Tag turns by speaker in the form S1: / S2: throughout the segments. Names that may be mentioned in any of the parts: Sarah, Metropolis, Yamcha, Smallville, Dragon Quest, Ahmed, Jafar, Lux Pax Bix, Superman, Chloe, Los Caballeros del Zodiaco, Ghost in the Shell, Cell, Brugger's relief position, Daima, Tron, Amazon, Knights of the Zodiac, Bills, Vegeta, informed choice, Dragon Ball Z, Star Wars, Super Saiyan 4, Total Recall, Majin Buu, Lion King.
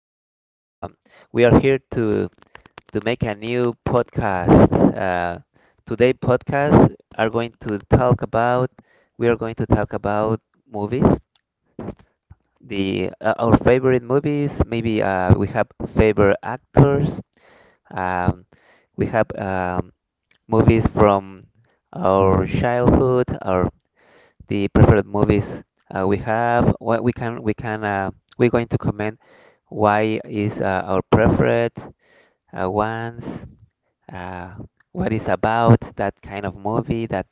S1: friend. We are here to make a new podcast. Today, podcast are going to talk about. We are going to talk about movies. The Our favorite movies. Maybe we have favorite actors. Um, we have movies from our childhood, our the preferred movies we have. What we can We're going to comment why is our preferred ones, uh, what is about that kind of movie that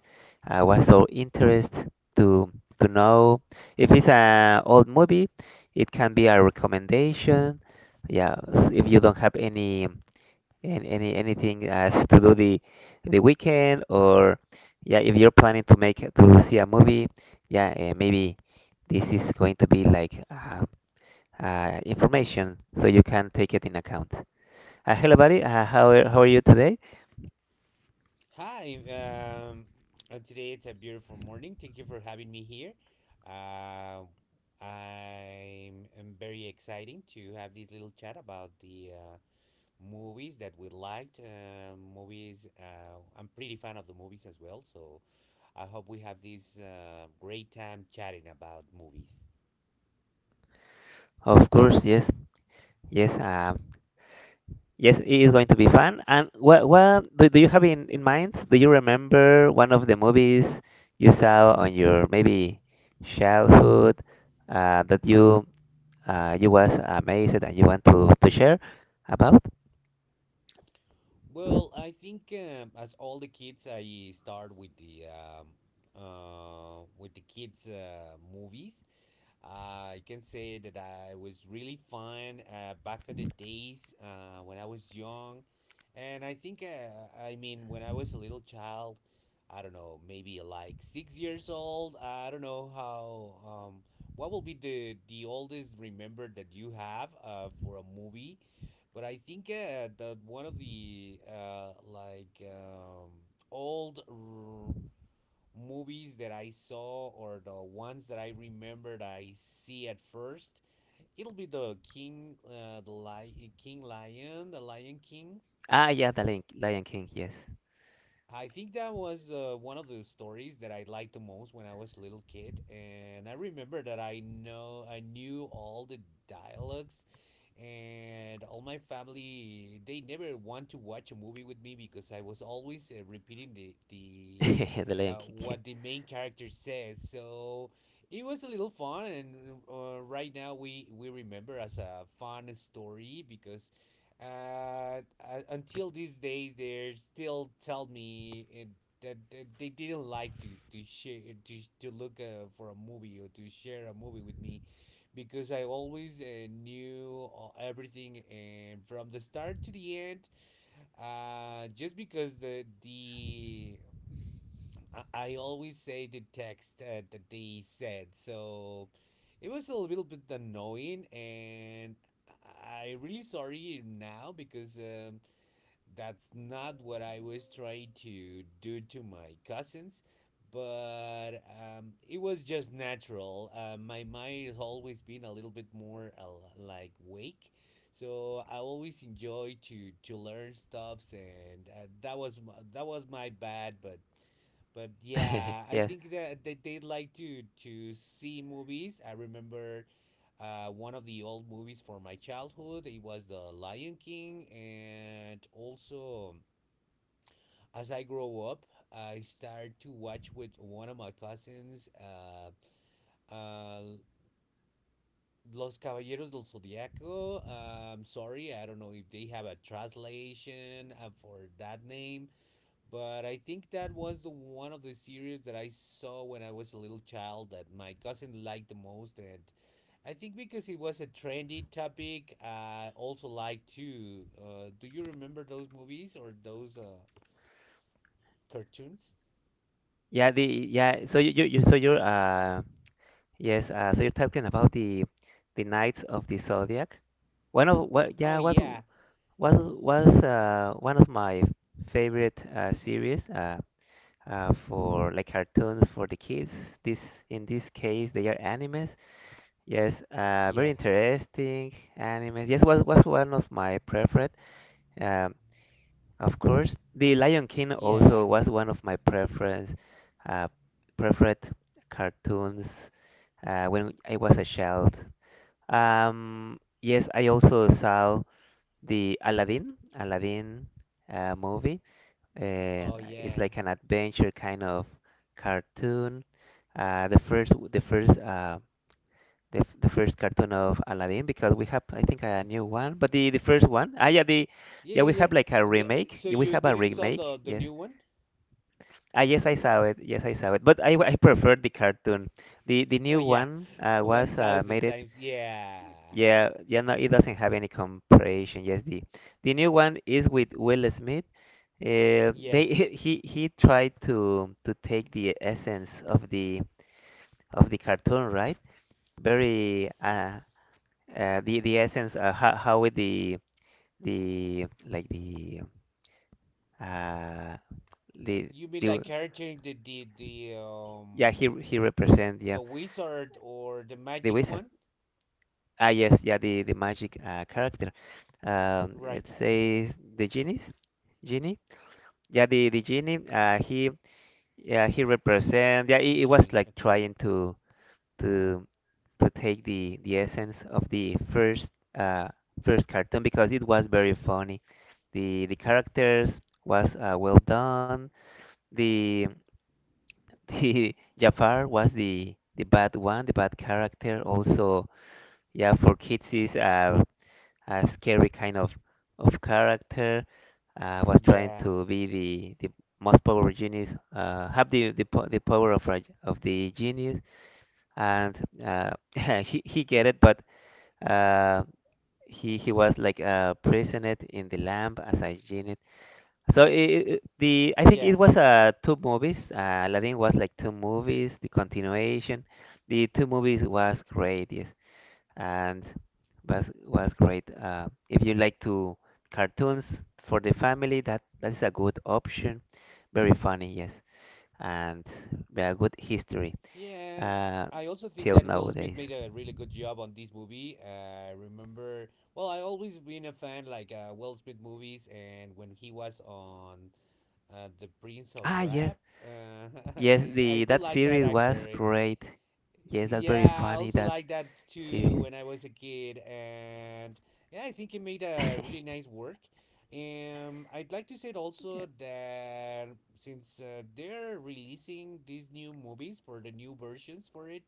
S1: was our interest to to know. If it's an old movie, it can be a recommendation. Yeah, if you don't have any and any anything as to do the weekend or yeah, if you're planning to see a movie, yeah, maybe this is going to be like information so you can take it in account. Hello, buddy. How are you today?
S2: Hi, today it's a beautiful morning. Thank you for having me here. Uh, I'm very exciting to have this little chat about the movies that we liked. Movies, I'm pretty fan of the movies as well, so I hope we have this great time chatting about movies.
S1: Of course, yes, yes, yes. It is going to be fun. And what do you have in mind? Do you remember one of the movies you saw on your maybe childhood that you was amazed and you want to share about?
S2: Well, I think as all the kids, I start with the kids' movies. I can say that I was really fun back in the days when I was young. And I think, I mean, when I was a little child, I don't know, maybe like 6 years old. I don't know how, um, what will be the oldest remember that you have for a movie. But I think that one of the like old movies that I saw or the ones that I remember that I see at first, it'll be the King, the Lion, King Lion, the Lion King.
S1: Ah, yeah, the Lion King, yes,
S2: I think that was one of the stories that I liked the most when I was a little kid, and I remember that I knew all the dialogues, and all my family they never want to watch a movie with me because I was always repeating the
S1: the Lion King,
S2: what the main character says. So it was a little fun, and right now we remember as a fun story because uh, until these days they still tell me it, that they didn't like to share to look for a movie or to share a movie with me because I always knew everything and from the start to the end just because I always say the text that they said, so it was a little bit annoying, and I really sorry now because that's not what I was trying to do to my cousins, but it was just natural. My mind has always been a little bit more like wake, so I always enjoy to learn stuffs, and that was that was my bad, but. But yeah, I
S1: yes,
S2: think that they like to see movies. I remember one of the old movies for my childhood. It was The Lion King, and also as I grow up, I started to watch with one of my cousins. Uh, Los Caballeros del Zodiaco. Sorry, I don't know if they have a translation for that name, but I think that was the one of the series that I saw when I was a little child that my cousin liked the most, and I think because it was a trendy topic, I also like to. Do you remember those movies or those cartoons?
S1: yeah, the yeah. So you so you're yes so you're talking about the Knights of the Zodiac. One of what
S2: Oh
S1: yeah
S2: yeah,
S1: was One of my favorite series for like cartoons for the kids. This In this case they are animes. Yes, very
S2: yeah,
S1: interesting animes. Yes, was one of my preferred. Um, of course, The Lion King
S2: yeah.
S1: also was one of my preference, uh, preferred cartoons when I was a child. Yes, I also saw the Aladdin movie. Uh,
S2: Oh
S1: it's
S2: yeah,
S1: like an adventure kind of cartoon. Uh, the first, the first uh, the first cartoon of Aladdin because we have, I think, a new one, but the first one. Ah, yeah, the
S2: yeah,
S1: yeah,
S2: yeah,
S1: we
S2: yeah.
S1: have like a
S2: The,
S1: remake.
S2: so
S1: Yeah, we
S2: you
S1: have a
S2: didn't saw
S1: remake.
S2: the
S1: Yes.
S2: new one?
S1: Ah, yes, I saw it. Yes, I saw it. But I prefer the cartoon. The
S2: Oh
S1: new
S2: yeah,
S1: one
S2: one
S1: was
S2: thousand
S1: made it.
S2: times. Yeah,
S1: Yeah, yeah, no, it doesn't have any comparison. Yes, the new one is with Will Smith. They
S2: yes.
S1: he tried to take the essence of the cartoon, right? Very the essence how with the like uh the
S2: You mean
S1: the
S2: like character in the the the
S1: yeah
S2: um
S1: he represent, yeah,
S2: the wizard or the
S1: the
S2: magic
S1: wizard,
S2: one?
S1: ah, yes, yeah, the magic character. It
S2: Right,
S1: says the genies, genie, yeah, the genie he, yeah, he represent, yeah, it was
S2: genie.
S1: like
S2: Okay.
S1: trying to to take the essence of the first uh, first cartoon because it was very funny. The characters was well done. The the Jafar was the bad one, the bad character. Also, yeah, for kids is a scary kind of character. Was trying
S2: Yeah,
S1: to be the most powerful genius. Have the power of the genius, and uh, he get it, but uh, he was like praising it in the lamp as I genie it. So it, the I think it
S2: yeah.
S1: was two movies. Aladdin was like two movies. The continuation, the two movies was great, yes, and was great. If you like to cartoons for the family, that is a good option. Very funny, yes, and a good history
S2: Yeah,
S1: uh,
S2: I also think
S1: till
S2: that Will Smith made
S1: nowadays.
S2: a really good job on this movie. I remember, well, I always been a fan like Will Smith movies, and when he was on The Prince of
S1: Ah, yes.
S2: Rap, uh,
S1: Yes,
S2: I
S1: the
S2: do
S1: that
S2: like that
S1: series
S2: actor.
S1: was
S2: It's
S1: great. Yes, that's very
S2: Yeah, I
S1: funny
S2: also
S1: that
S2: like that too
S1: series.
S2: when I was a kid, and yeah, I think it made a really nice work. I'd like to say
S1: Yeah.
S2: also that since they're releasing these new movies for the new versions for it,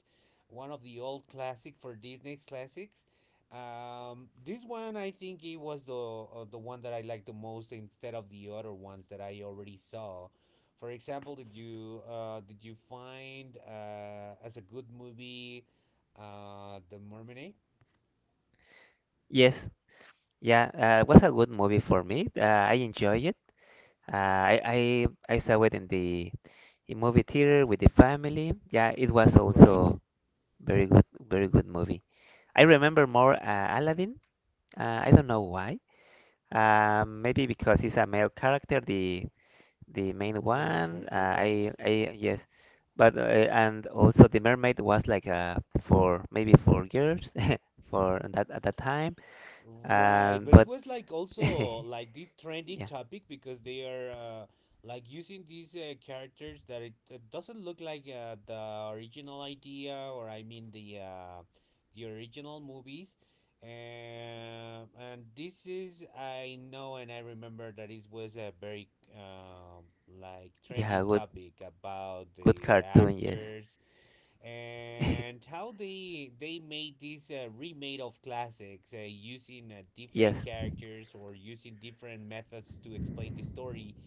S2: one of the old classic for Disney classics, this one I think it was the one that I liked the most instead of the other ones that I already saw for example, did you find as a good movie the Mermaid?
S1: Yes, yeah, it was a good movie for me. I enjoy it. Uh, I, I I saw it in the in movie theater with the family. Yeah, it was
S2: Right,
S1: also very good, very good movie. I remember more Aladdin. I don't know why. Maybe because it's a male character, the main
S2: the main
S1: one,
S2: character. Right.
S1: yes, but and also the mermaid was like for maybe 4 years for that, at that time,
S2: Right,
S1: and
S2: but it
S1: but
S2: was like
S1: yeah,
S2: also like this trending topic because they are like using these characters that it doesn't look like the original idea or I mean the original movies. And this is I know and I remember that it was a very like
S1: yeah,
S2: trending
S1: good,
S2: topic about
S1: good
S2: the
S1: cartoon, yes,
S2: actors and how they made this remade of classics using
S1: yes,
S2: different characters or using different methods to explain the story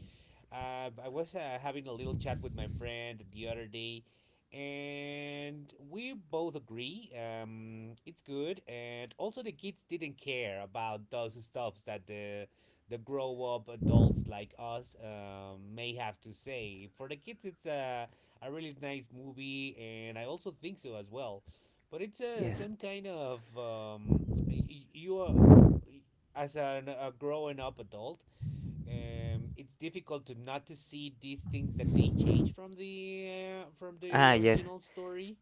S2: I was having a little chat with my friend the other day, and we both agree it's good. And also, the kids didn't care about those stuffs that the grow up adults like us may have to say. For the kids, it's a really nice movie, and I also think so as well. But it's
S1: yes,
S2: some kind of you are as a growing up adult it's difficult to not to see these things that they change from
S1: ah,
S2: the
S1: yes,
S2: original story.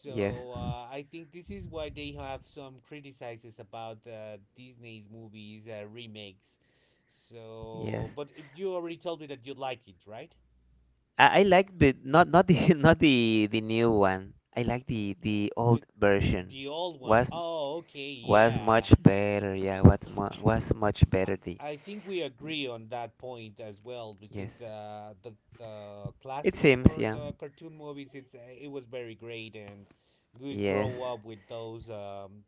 S1: yes,
S2: I think this is why they have some criticizes about Disney's movies remakes.
S1: yes.
S2: So, but you already told me that you like it, right?
S1: I like the not not the not the new one. I like the old
S2: The
S1: version.
S2: the old one.
S1: Was
S2: Oh, okay,
S1: was
S2: yeah.
S1: much better, yeah. What mu was much
S2: I,
S1: better the
S2: I think we agree on that point as well. But
S1: Yes.
S2: since the
S1: It
S2: classics
S1: seems,
S2: for
S1: yeah.
S2: the cartoon movies, it's it was very great, and we
S1: Yes.
S2: grow up with those. Um,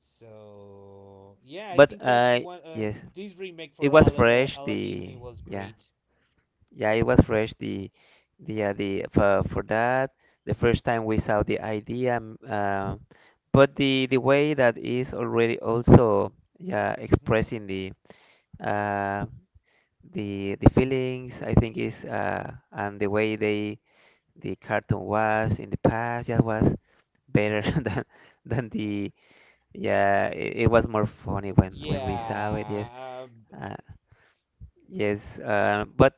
S2: so yeah, I
S1: But
S2: think that one
S1: yes,
S2: this remake
S1: it
S2: for
S1: was fresh
S2: Aladdin
S1: the
S2: it was
S1: yeah.
S2: great.
S1: Yeah, it was fresh the for that the first time we saw the idea. But the way that is already also, yeah,
S2: Mm-hmm.
S1: expressing uh the feelings, I think, is and the way they, the cartoon was in the past, yeah, was better than the. Yeah, it was more funny when we saw it. Yes,
S2: Yeah. Um,
S1: uh, yes. But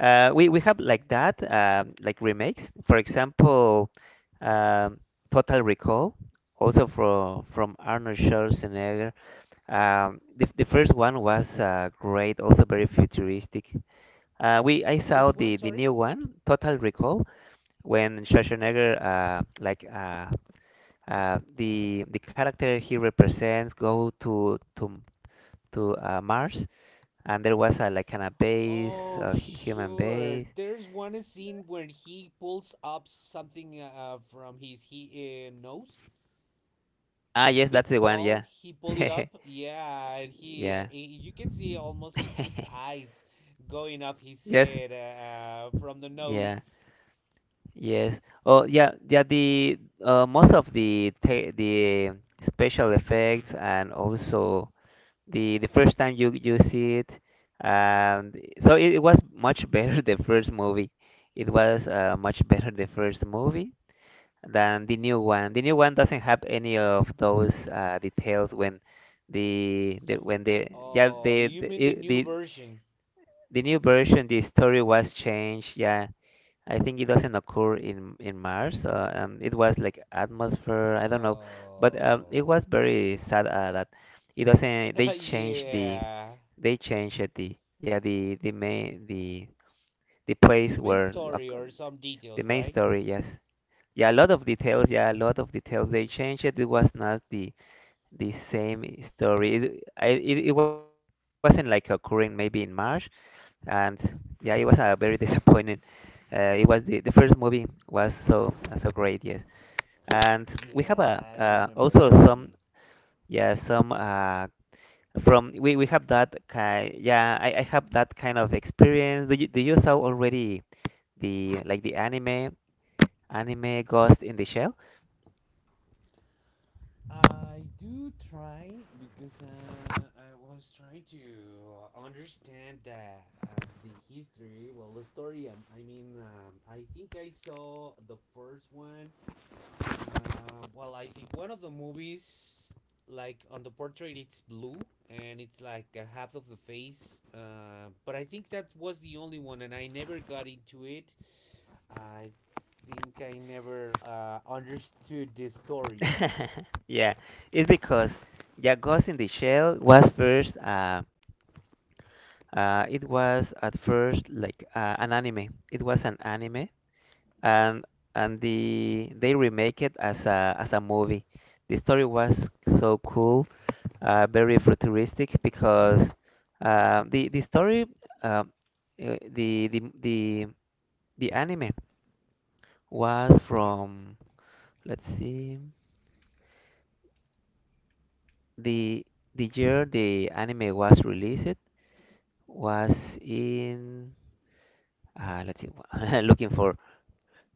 S1: we have like that, like remakes. For example, um, Total Recall, also from Arnold Schwarzenegger. The first one was great, also very futuristic. We I saw
S2: which one?
S1: the
S2: Sorry.
S1: new one, Total Recall, when Schwarzenegger like the character he represents go to Mars, and there was a, like an, a base,
S2: Oh,
S1: a human
S2: sure.
S1: base.
S2: There's one scene where he pulls up something from his he nose
S1: Ah,
S2: a
S1: yes,
S2: big
S1: that's the one.
S2: ball.
S1: Yeah,
S2: He pulled it up. Yeah, and
S1: yeah,
S2: you can see almost it's his eyes going up his
S1: yes,
S2: head from the nose.
S1: yeah, yes. Oh, yeah, yeah. The most of the special effects, and
S2: Hmm.
S1: also the first time you see it, and so it was much better the first movie. It was much better the first movie than the new one. The new one doesn't have any of those details, when the when the yeah
S2: Oh, you
S1: the,
S2: mean the
S1: it,
S2: new version?
S1: the new version, the story was changed. Yeah, I think it doesn't occur in Mars, and it was like atmosphere. I don't know, but it
S2: Oh,
S1: was very sad that it doesn't.
S2: yeah.
S1: They changed it, the yeah the main the place
S2: The main
S1: where
S2: story
S1: oc-
S2: or some
S1: the
S2: details,
S1: main
S2: right?
S1: story. Yes. Yeah, a lot of details. Yeah, a lot of details. They changed it. It was not the same story. It wasn't like occurring, maybe in March, and yeah, it was a very disappointing. It was the first movie was so so great, yes. And we have a
S2: Yeah, I remember
S1: also
S2: that
S1: some
S2: movie.
S1: yeah some from we have that kind, I have that kind of experience. Do you saw already the anime Ghost in the Shell?
S2: I do try because I was trying to understand the history. Well, the story. I mean, I think I saw the first one. Well, I think one of the movies, like on the portrait, it's blue and it's like a half of the face. But I think that was the only one, and I never got into it. I think I never understood the story.
S1: Yeah, it's because Jaggos in the Shell was first. It was at first like an anime. It was an anime, and and they remake it as a movie. The story was so cool, very futuristic, because the story, uh, uh, the the the the anime was
S2: Okay.
S1: from, let's see, the the year the anime was released was in, let's see, looking for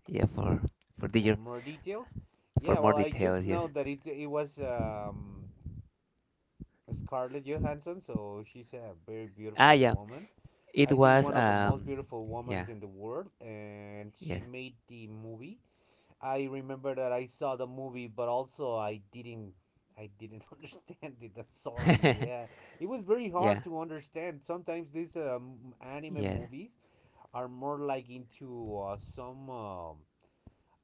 S1: yeah for
S2: For
S1: detail
S2: more details.
S1: for
S2: Yeah,
S1: more
S2: well, I just
S1: details yes
S2: know that it was Scarlett Johansson, so she's a very
S1: ah
S2: beautiful
S1: yeah
S2: woman.
S1: it
S2: I think
S1: was
S2: one of the most beautiful women
S1: yeah
S2: in the world, and
S1: yes
S2: she made the movie. I remember that I saw the movie, but also I didn't understand it. I'm sorry. Yeah, it was very
S1: yeah
S2: hard to understand. Sometimes these anime
S1: yes
S2: movies are more like into some um,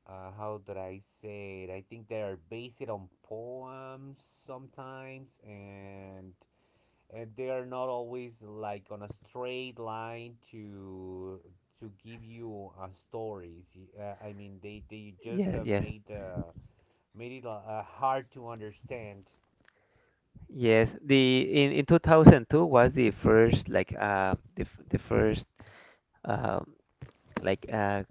S2: uh, how did I say it? I think they are based on poems sometimes, and they are not always like on a straight line to give you stories. I mean, they just
S1: yes yes
S2: made made it a hard to understand
S1: yes the in 2002 was the first, like the first, um like uh,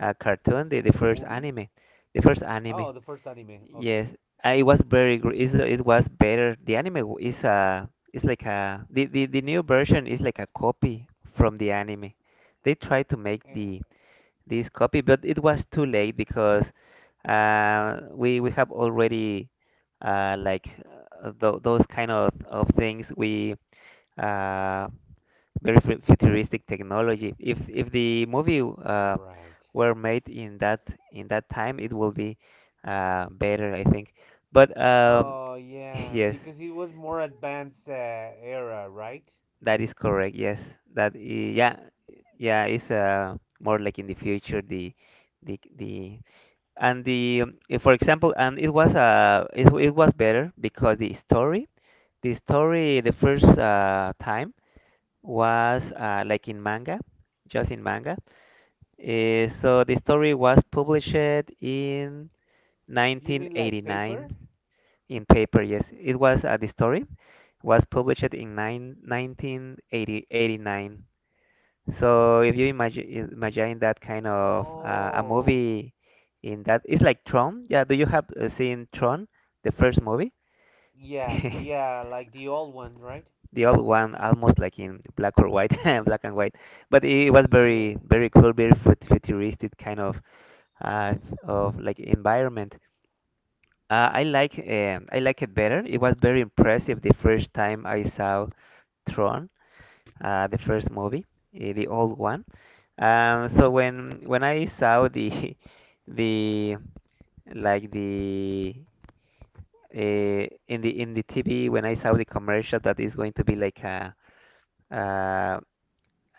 S1: uh cartoon, the first
S2: movie.
S1: anime, the first anime
S2: Oh, the first anime. Okay.
S1: yes, it was very it was better. The anime is a it's like a the new version is like a copy from the anime. They tried to make
S2: Eh,
S1: the this copy, but it was too late because we have already like those kind of things. We uh, very futuristic technology. If the movie
S2: right.
S1: were made in that time, it will be better, I think. But
S2: Oh yeah,
S1: yes,
S2: because it was more advanced era, right?
S1: that is correct. Yes, that I- yeah yeah, it's more like in the future, the and the if, for example, and it was it was better because the story, the first time was like in manga, just in manga so the story was published in
S2: You mean like paper?
S1: 1989. In paper, yes. It was the story was published in 1989. So if you imagine that kind of a
S2: Oh,
S1: movie in that. It's like Tron. Yeah, do you have seen Tron, the first movie?
S2: yeah, yeah, like the old one, right?
S1: The old one, almost like in black or white, black and white. But it was
S2: Yeah,
S1: very, very cool, very futuristic kind uh, of like environment. I like it better. It was very impressive the first time I saw Tron, the first movie, the old one. So when I saw the the like the uh, in the TV when I saw the commercial that is going to be like a, uh,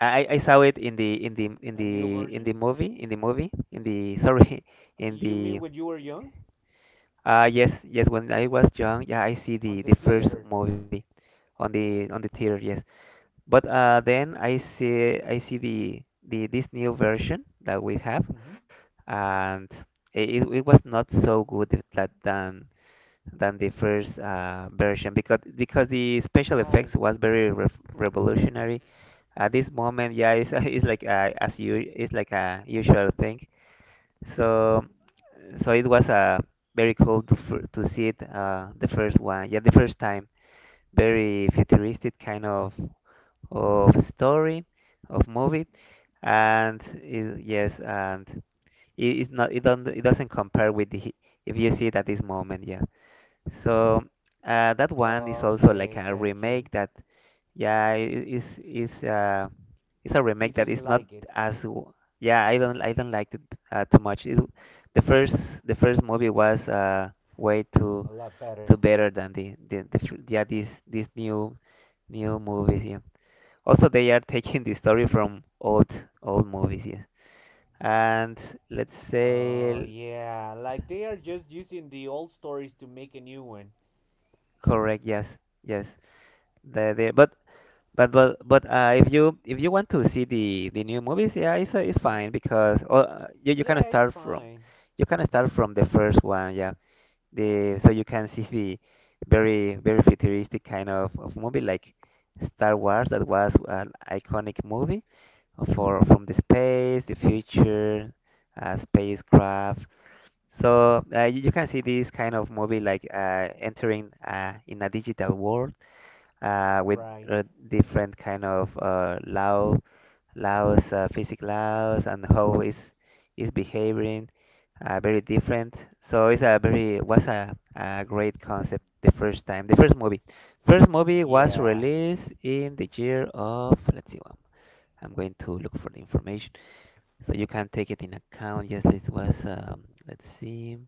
S1: I saw it in the
S2: a new version?
S1: movie in the movie in the sorry in
S2: You mean
S1: the
S2: when you were young?
S1: yes, yes, when I was young, yeah, I see
S2: On
S1: the
S2: the
S1: the first
S2: theater?
S1: movie on the theater, yes. But then I see, I see the this new version that we have,
S2: Mm-hmm.
S1: and it was not so good, th- that than the first version, because the special effects
S2: Why?
S1: was very revolutionary. At this moment, yeah, it's, it's like, as you, it's like a usual thing. So it was very cool to to see it, the first one, yeah, the first time, very futuristic kind of story, of movie, and it, yes, and it, it's not, it don't, it doesn't compare with the, if you see it at this moment, yeah. So that one is also like
S2: Okay,
S1: a
S2: gotcha.
S1: remake. That, yeah, it is, it's a
S2: You
S1: remake that
S2: didn't
S1: is not
S2: like it.
S1: as w- yeah, I don't, I don't like it too much. It, the first, the first movie was way too,
S2: A lot better.
S1: too better than yeah, these new, new movies, yeah. Also, they are taking the story from old, old movies, yes. And let's
S2: Oh,
S1: say,
S2: yeah, like they are just using the old stories to make a new one.
S1: correct, yes, yes. The but if you, if you want to see the new movies, yeah, it's, it's
S2: Mm-hmm.
S1: fine because, you, you can
S2: Yeah, it's
S1: start from,
S2: fine.
S1: you can start from the first one, yeah. The so you can see the very, very futuristic kind of movie, like Star Wars, that was an iconic movie for, from the space, the future, spacecraft. So you, you can see this kind of movie, like entering, in a digital world with
S2: Right.
S1: different kind of law, laws, physical laws, and how is behaving, very different. So it's a very, was a great concept, the first time, the first movie. First movie was
S2: Yeah.
S1: released in the year of, let's see, I'm going to look for the information so you can take it in account. Yes, it was, let's see.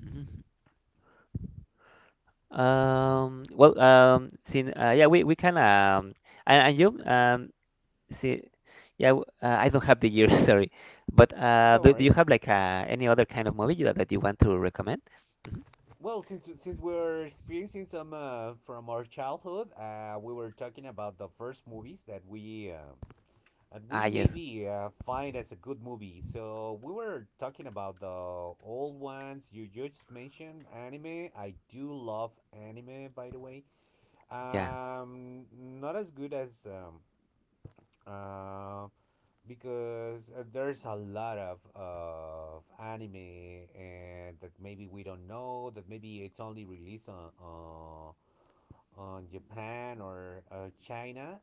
S1: Mhm. Well, since yeah, we can, and you, see, yeah, I don't have the year, sorry. But uh,
S2: Don't
S1: do, do
S2: worry.
S1: you have like any other kind of movie that, that you want to recommend? Hmm.
S2: Well, since we're experiencing some from our childhood, we were talking about the first movies that we and
S1: Ah,
S2: we
S1: yes,
S2: maybe find as a good movie. So we were talking about the old ones. You just mentioned anime. I do love anime, by the way.
S1: yeah.
S2: Not as good as uh, because there's a lot of anime and that maybe we don't know that maybe it's only released on Japan or China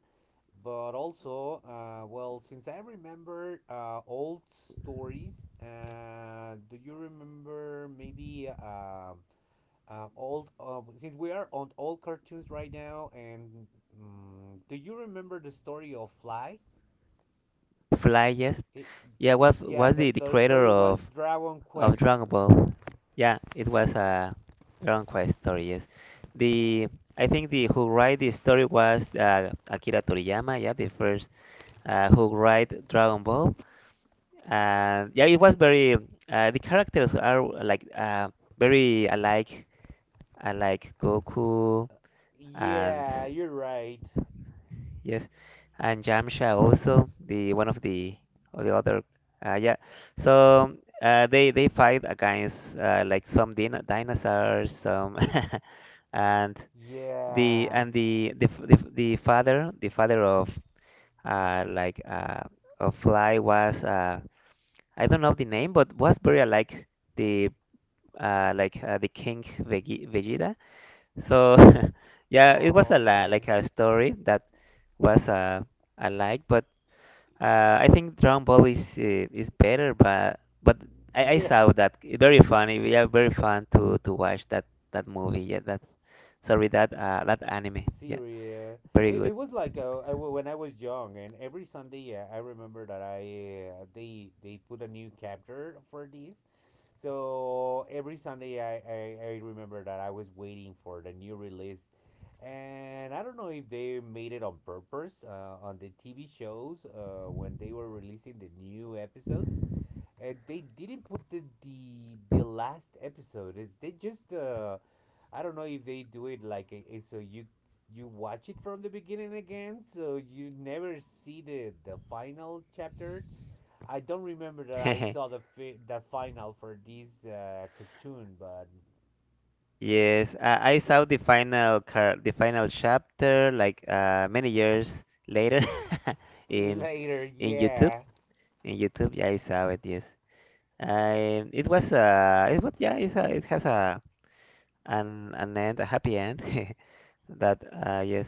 S2: but also well since I remember old stories do you remember maybe old since we are on old cartoons right now and mm do you remember the story of Fly
S1: Fly, yes.
S2: it,
S1: Yeah, what
S2: Yeah,
S1: was
S2: the,
S1: the
S2: the
S1: creator
S2: story was
S1: of
S2: Dragon
S1: of
S2: Quest.
S1: Dragon Ball? Yeah, it was a Dragon Quest story, yes. The, I think the, who write the story was, Akira Toriyama, yeah, the first who write Dragon Ball. And yeah, it was very, the characters are like, very alike. I like Goku and,
S2: Yeah, you're right.
S1: yes, and Yamcha also, the one of the, or the other, yeah. So they fight against like some dinosaurs, some and the,
S2: Yeah.
S1: and the the father of uh, like uh, of Fly was, I don't know the name, but was very like the, the King Vegeta. So yeah, it was
S2: Oh,
S1: a la
S2: okay.
S1: like a story that was, alike, but I think Dragon Ball is, is better. But I
S2: Yeah.
S1: saw that very funny. We are very fun to watch that, that movie. Yeah, that, sorry, that, that anime. Yeah,
S2: Syria.
S1: very
S2: It,
S1: good.
S2: it was like I w when I was young, and every Sunday I remember that I they put a new chapter for this. So every Sunday I remember that I was waiting for the new release, and I don't know if they made it on purpose on the TV shows when they were releasing the new episodes and they didn't put the last episode. Is they just I don't know if they do it like so you watch it from the beginning again, so you never see the final chapter. I don't remember that I saw the the final for this cartoon, but
S1: Yes, I saw the final car the final chapter like, many years later in
S2: later,
S1: in YouTube.
S2: yeah.
S1: In YouTube, yeah, I saw it. Yes. It was, it was, yeah, it's a, it has a an end, a happy end. That yes,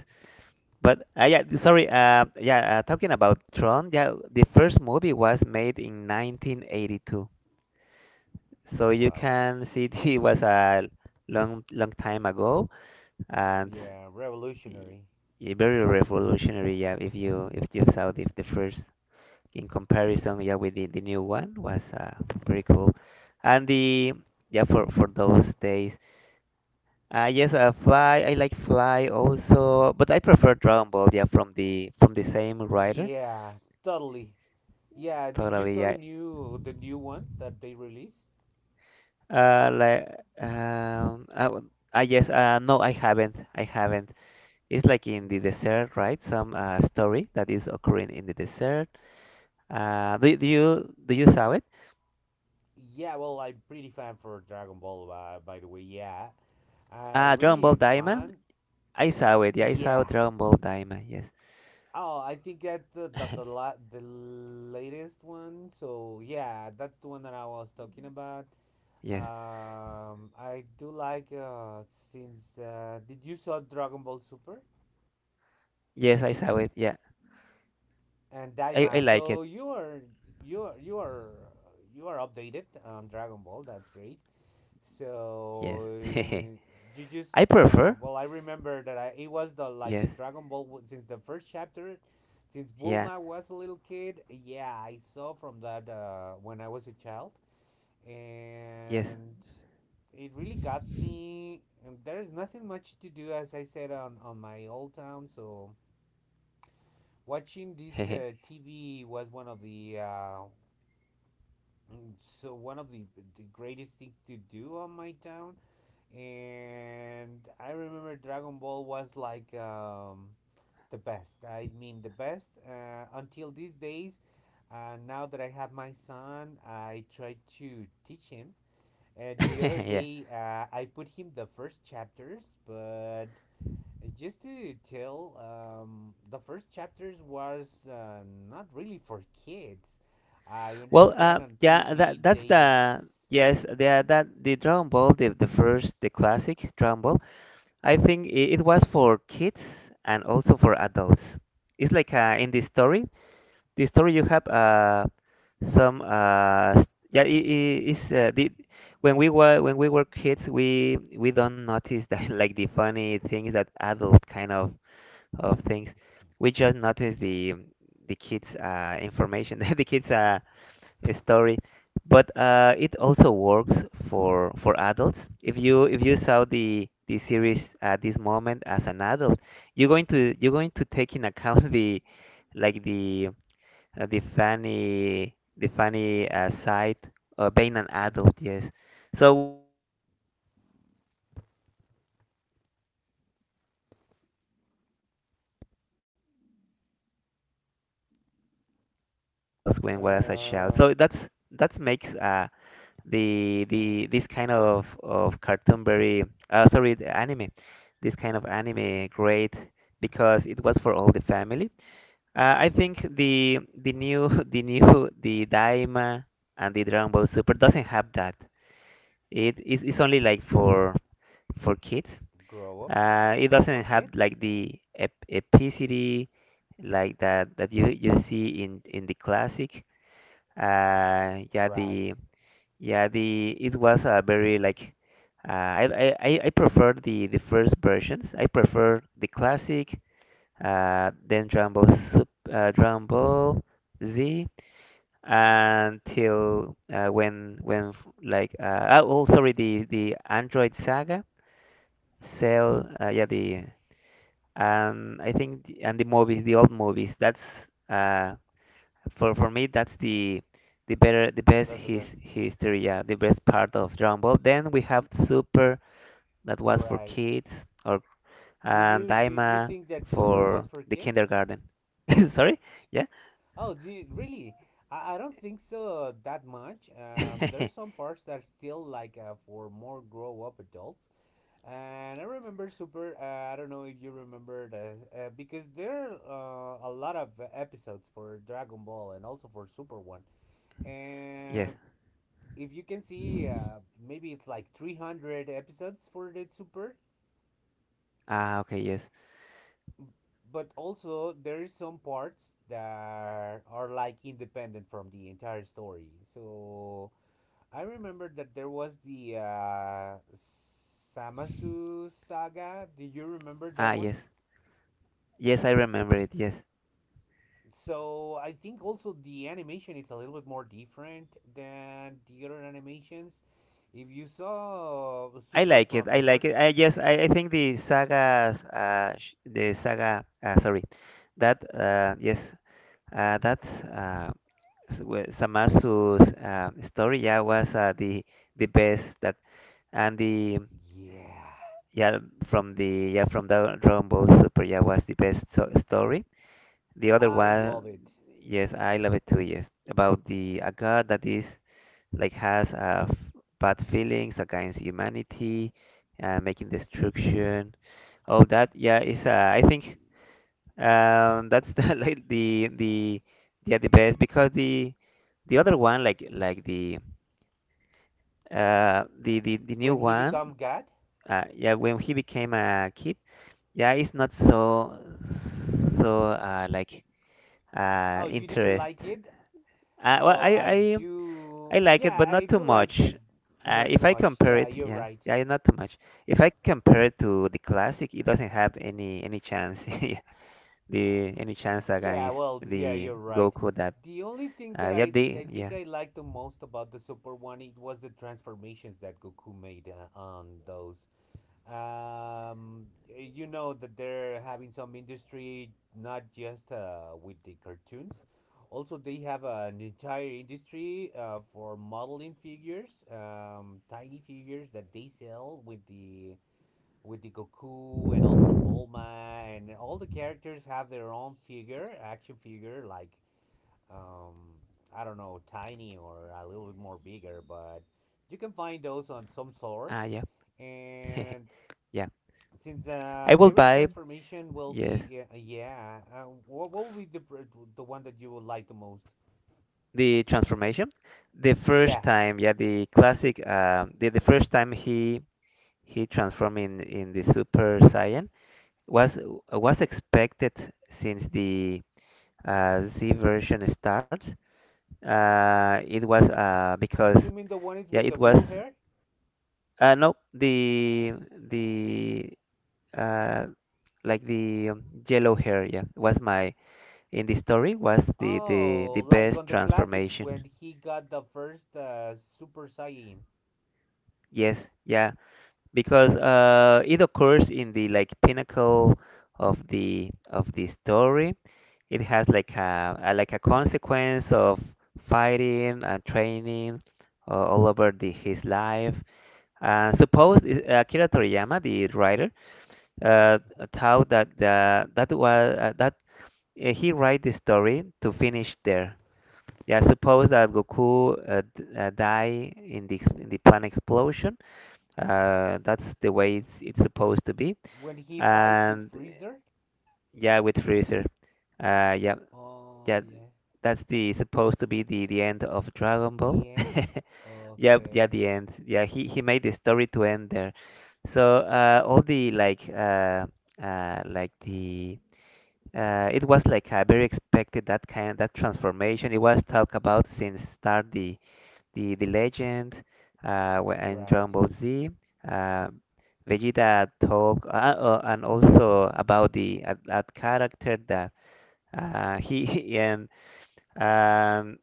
S1: but yeah, sorry, yeah, talking about Tron, yeah, the first movie was made in 1982, so you
S2: Wow.
S1: can see it was a long, long time ago and
S2: Yeah,
S1: y-
S2: revolutionary.
S1: very revolutionary. Yeah, if you, if you saw the first in comparison, yeah, with the new one was, very cool, and the, yeah, for those days. Yes, Fly. I like Fly also, but I prefer Dragon Ball. Yeah, from the, from the same writer.
S2: Yeah, totally. Yeah, did you
S1: Totally.
S2: saw the
S1: Yeah.
S2: new ones that they released?
S1: Uh, like I, I, yes. No, I haven't. I haven't. It's like in the
S2: No.
S1: desert, right? Some story that is occurring in the desert. Do you, do you saw it?
S2: Yeah, well, I'm pretty fan for Dragon Ball, by the way. Yeah, I
S1: Dragon Ball
S2: really
S1: Daima.
S2: fan.
S1: I saw it. Yeah, I saw
S2: Yeah.
S1: Dragon Ball Daima. Yes.
S2: Oh, I think that's the latest one. So yeah, that's the one that I was talking. Mhm. About.
S1: Yes.
S2: I do like since did you saw Dragon Ball Super
S1: Yes, I saw it. Yeah.
S2: and
S1: I
S2: Daima?
S1: like it.
S2: So you are you are you are you are updated on Dragon Ball. That's great. So
S1: Yes.
S2: you
S1: I
S2: just
S1: prefer.
S2: well, I remember that I it was the like the
S1: Yes.
S2: Dragon Ball since the first chapter, since
S1: Yeah.
S2: Bulma was a little kid. Yeah, I saw from that when I was a child,
S1: Yes.
S2: and it really got me. And there is nothing much to do, as I said on my old town. So watching this TV was one of the one of the greatest things to do on my town, and I remember Dragon Ball was like the best. I mean, the best until these days. Now that I have my son, I try to teach him. The other
S1: Yeah.
S2: day, I put him the first chapters, but just to tell, the first chapters was not really for kids. I
S1: Well,
S2: understand on
S1: yeah,
S2: TV
S1: that that's
S2: days.
S1: the yes, the that the Dragon Ball, the first, the classic Dragon Ball. I think it, it was for kids and also for adults. It's like, in the story you have yeah, it is, the, when we were, when we were kids, we don't notice that like the funny things that adult kind of things. We just noticed the kids' information, the kids' story, but it also works for adults. If you, if you saw the series at this moment as an adult, you're going to, you're going to take in account the, like the funny, the funny side of being an adult,
S2: hmm.
S1: yes. So we we're tell we're, seeing, seeing it, this way because we are an adult, but we don't not we don't notice like the humor for adults
S2: Hmm.
S1: when we're as a child. So that's, that makes the this kind of cartoon very, sorry, the anime, this kind of anime great because it was for all the family. I
S2: Yeah.
S1: think the new, the new, the Daima and the Dragon Ball Super doesn't have that. It's only like for kids.
S2: Grow up?
S1: It
S2: Oh,
S1: doesn't
S2: for
S1: have
S2: kids?
S1: like the ep epicity like that, that you see in the classic. Yeah,
S2: Right.
S1: the, yeah the, it was a very like, I prefer the first versions. I prefer the classic, then Drumble Z, until when, f- like oh oh, sorry the Android Saga, Cell, yeah, the, I think the, and the movies, the old movies, that's uh for me, that's the better, the best
S2: That's the
S1: his
S2: best.
S1: history, yeah, the best part of Dragon Ball. Then we have Super, that was for
S2: Right.
S1: kids, or,
S2: Do
S1: and
S2: you
S1: Daima,
S2: think that Super was
S1: for
S2: for
S1: the
S2: kids?
S1: kindergarten, sorry, yeah.
S2: Oh, do you, really? I don't think so that much. There's some parts that are still like for more grow up adults. And I remember Super. I don't know if you remember the because there are a lot of episodes for Dragon Ball and also for Super One.
S1: Yes.
S2: And if you can see maybe it's like 300 episodes for the super,
S1: Ah, okay, yes.
S2: but also there's some parts that are like independent from the entire story. So I remember that there was the samasu saga, do you remember that
S1: Ah,
S2: one?
S1: yes. Yes, I remember it. Yes.
S2: So I think also the animation, it's a little bit more different than the other animations if you saw
S1: I
S2: super
S1: like it.
S2: from
S1: I
S2: the
S1: like
S2: first.
S1: it. I Yes, I think the sagas the saga sorry. That yes, uh that uh Samatsu's story, yeah, was, the best, that, and the,
S2: Yeah.
S1: yeah, from the, yeah, from the Dragon Ball Super, yeah, was the best so story. The other
S2: I
S1: one,
S2: love it.
S1: yes, I love it too. Yes, about the, a god that is like, has bad feelings against humanity, making destruction. Oh, that, yeah, is, I think, that's the like the, yeah, the best, because the other one, like the, the new
S2: When he
S1: one,
S2: become god?
S1: yeah, when he became a kid, yeah, it's not so, so like,
S2: Oh, you didn't
S1: interest.
S2: like it?
S1: uh, well
S2: Oh,
S1: I
S2: I
S1: I
S2: do,
S1: I like it,
S2: yeah,
S1: but
S2: I
S1: not too
S2: do like
S1: much.
S2: it. Not too
S1: If I
S2: much,
S1: compare
S2: yeah,
S1: it,
S2: you're
S1: yeah,
S2: right.
S1: yeah, not too much. If I compare it to the classic, it doesn't have any chance, yeah, the, any chance
S2: Yeah,
S1: against
S2: well, yeah,
S1: the
S2: you're right.
S1: Goku that,
S2: The only thing that
S1: yeah,
S2: i
S1: the,
S2: i think
S1: yeah,
S2: I liked the most about the super one, it was the transformations that goku made on those. Um, you know that they're having some industry not just with the cartoons. Also, they have an entire industry for modeling figures, tiny figures that they sell with the Goku and also Bulma, and all the characters have their own figure, action figure, like um, I don't know, tiny or a little bit more bigger, but you can find those on some
S1: ah,
S2: stores
S1: yeah,
S2: and
S1: yeah.
S2: since
S1: I will
S2: every
S1: buy,
S2: transformation will be,
S1: yes,
S2: yeah, yeah, what will be the one that you would like the most?
S1: the transformation. The first
S2: Yeah,
S1: time, yeah, the classic, the first time he transformed in the Super Saiyan was was expected since the Z version starts. It was, because
S2: you mean the one is
S1: yeah,
S2: with
S1: it
S2: the blue
S1: was,
S2: hair?
S1: no, the, the, uh, like the um, yellow hair, yeah, was my, in the story was the
S2: Oh, like
S1: best
S2: on the classics when
S1: transformation.
S2: he got the first Super Saiyan.
S1: Yes, yeah, because it occurs in the like pinnacle of the, of the story. It has like a like a consequence of fighting and training, all over the, his life. Akira Toriyama, the writer, uh,
S2: Hmm.
S1: thought that the, that was, that, he write the story to finish there. Yeah, suppose that Goku die in the in the planet explosion, that's the way it's supposed to be.
S2: When he fights with
S1: And
S2: Freezer?
S1: yeah, with Freezer. Uh, yeah,
S2: Oh,
S1: yeah,
S2: yeah.
S1: that's the supposed to be the end of Dragon Ball.
S2: The end?
S1: Yeah, yeah,
S2: Okay.
S1: the end. Yeah, he made the story to end there. So all the like the it was like a very expected that transformation. It was talked about since start the legend, in
S2: Right.
S1: Dragon Ball Z. Uh, Vegeta talk, and also about the that character that he and um,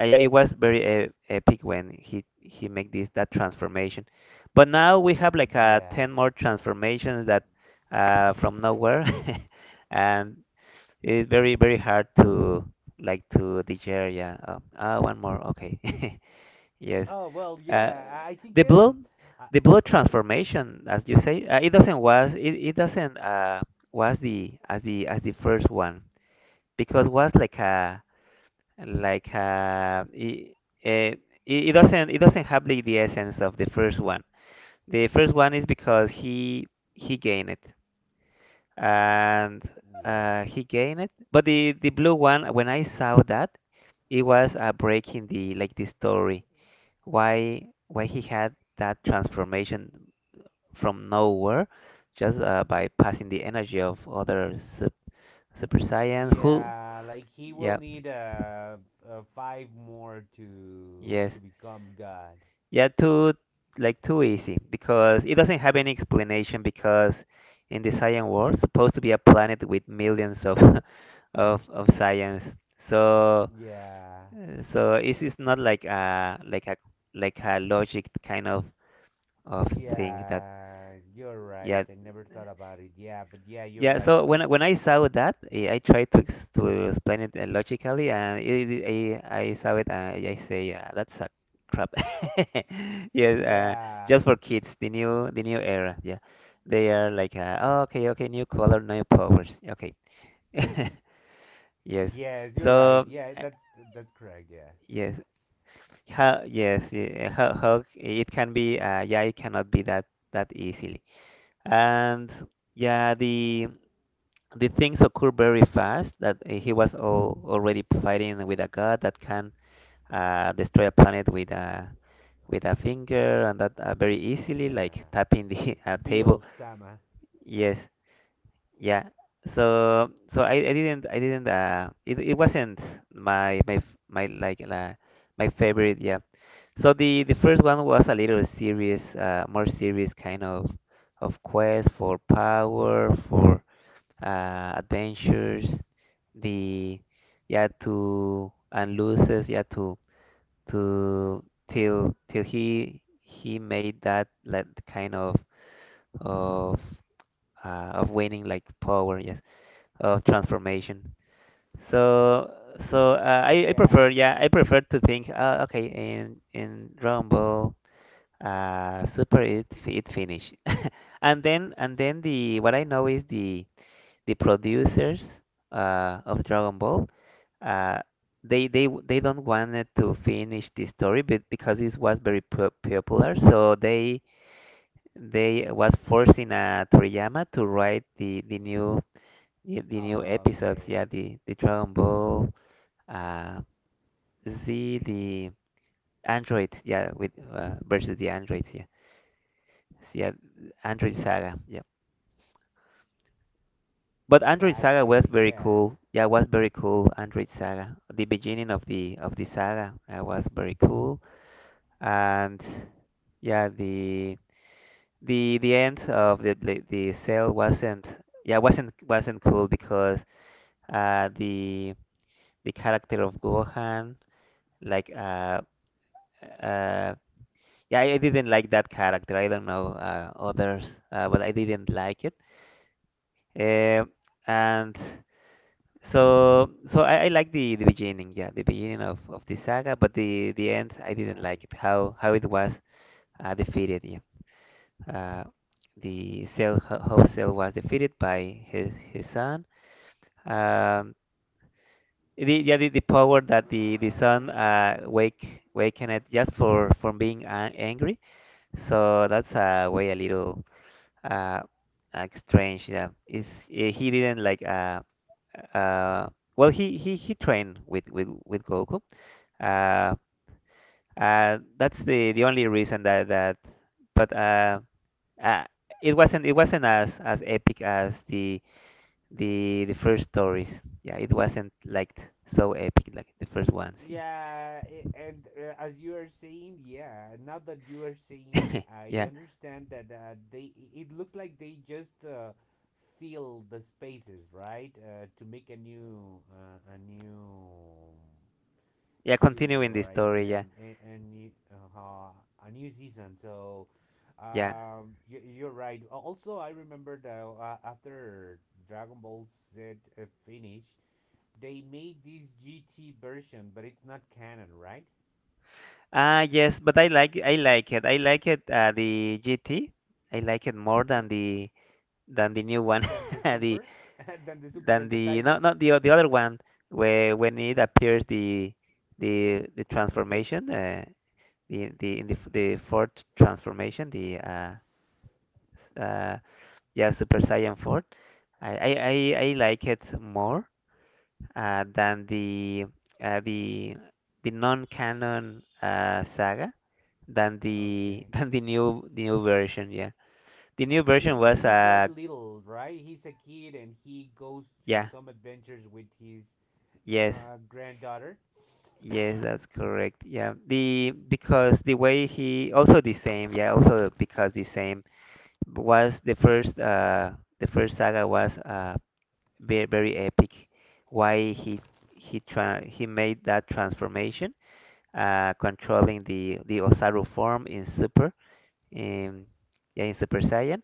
S1: yeah, it was very epic when he make this that transformation. But now we have like
S2: Yeah.
S1: ten more transformations that, from nowhere, and it's very hard to to digest. Yeah. Oh, one more. Okay. Yes.
S2: Oh, well,
S1: Uh,
S2: yeah. I think
S1: the
S2: I,
S1: blood
S2: mhm.
S1: transformation, as you say, it doesn't, was the as the as the first one because was like a like a it, it, it doesn't, have the essence of the first one. The first one is because he gained it, and
S2: Right.
S1: he gained it. But the blue one, when I saw that, it was, breaking the story. Why he had that transformation? From nowhere, just by passing the energy of other super science who.
S2: Yeah, like he will
S1: Yeah,
S2: need five more
S1: yes,
S2: to become god.
S1: yeah, too, too easy, because it doesn't have any explanation because in the science world supposed to be a planet with millions of of science. So
S2: Yeah.
S1: so it's not like a like a logic kind of thing that.
S2: Yeah, you're right.
S1: Yeah.
S2: I never thought about it. Yeah, but yeah, you're
S1: Yeah,
S2: right.
S1: so
S2: It
S1: when I saw that, eh, I tried to ex to explain it, logically, and I saw it, and I say, that's a crap. Yes,
S2: yeah.
S1: just for kids, the new era. Yeah, they are like, oh, okay, okay, new color, new powers. Okay. Yes.
S2: Yes, you're right.
S1: So
S2: Yeah,
S1: uh,
S2: that's correct. Yeah.
S1: yes, how it can be? Yeah, it cannot be that easily. And yeah, the things occur very fast, that, he was already fighting with a god that can, destroy a planet with a finger, and that, very easily, like
S2: Yeah.
S1: tapping the
S2: The
S1: table.
S2: Bill Sama.
S1: Yes, yeah. So I didn't I didn't, it wasn't my my f- my like la my favorite. Yeah. So the first one was a little serious, more serious kind of quest for power, for, adventures, the yeah, to and loses, yeah, to to till he made that like kind of of of winning like power, yes, of transformation. So I
S2: Yeah.
S1: prefer, yeah, I prefer to think, okay, in Dragon Ball super it finish. And then, the what I
S2: Yeah.
S1: know is the producers of Dragon Ball, uh, they they don't wanted to finish the story, but because it was very popular, so they was forcing, Toriyama to write the new episodes.
S2: Okay.
S1: Yeah, the Dragon Ball, uh, Z, the android. Yeah, with, versus the androids. Yeah, yeah, android saga. Yeah. But Android Saga
S2: Gotcha.
S1: was very
S2: Yeah.
S1: cool. Yeah, was very cool. Android Saga, the beginning of the saga, was very cool. And yeah, the the end of the sale wasn't, yeah, wasn't cool, because, uh the the character of Gohan, like uh uh yeah, I didn't like that character. I don't know, others, but I didn't like it. Um, and, so I like the beginning, yeah, the beginning of the saga, but the end I didn't like
S2: Right.
S1: it, how it was, defeated. Yeah. Uh, the cell How Cell was defeated by his son. Um, the yeah, the power that the son, waken it just for from being angry. So that's a way a little, uh, like strange. Yeah, is he didn't like, uh, well, he trained with Goku. Uh, that's the only reason that that. But uh, it wasn't, as epic as the the first stories. Yeah, it wasn't like so epic like the first ones.
S2: Yeah, and as you are saying, yeah, now that you are saying,
S1: Yeah,
S2: I
S1: yeah,
S2: understand that they it looks like they just fill the spaces, right? To make a new
S1: yeah.
S2: series,
S1: Continuing the
S2: or I
S1: story.
S2: mean,
S1: Yeah,
S2: a, a new uh, a new season. So,
S1: yeah.
S2: you're right. Also, I remember that after Dragon Ball Z finished, they made this GT version, but it's not canon, right?
S1: Ah, yes, but I like it. I like it, the GT. I like it more
S2: Uh,
S1: than the new one.
S2: than the
S1: The
S2: Super, than the Super,
S1: than
S2: than the
S1: the
S2: Daima
S1: not not the the other one, where when it appears the the
S2: as a kid.
S1: transformation, the fourth transformation, the, s- uh yeah, Super Saiyan 4. I like it more, than uh, the the non-canon, saga.
S2: Okay.
S1: Than the new version. Yeah, the new
S2: It's
S1: version
S2: when
S1: was
S2: he got
S1: uh.
S2: little, right? He's a kid and he goes to
S1: Yeah,
S2: some adventures with his
S1: yes,
S2: granddaughter.
S1: yes, that's correct. Yeah, the because the way he also the same. Yeah, also because the same was the first saga was, uh, very epic. Why he tra he made that transformation, controlling the Osaru form in Super, in, yeah, in Super Saiyan.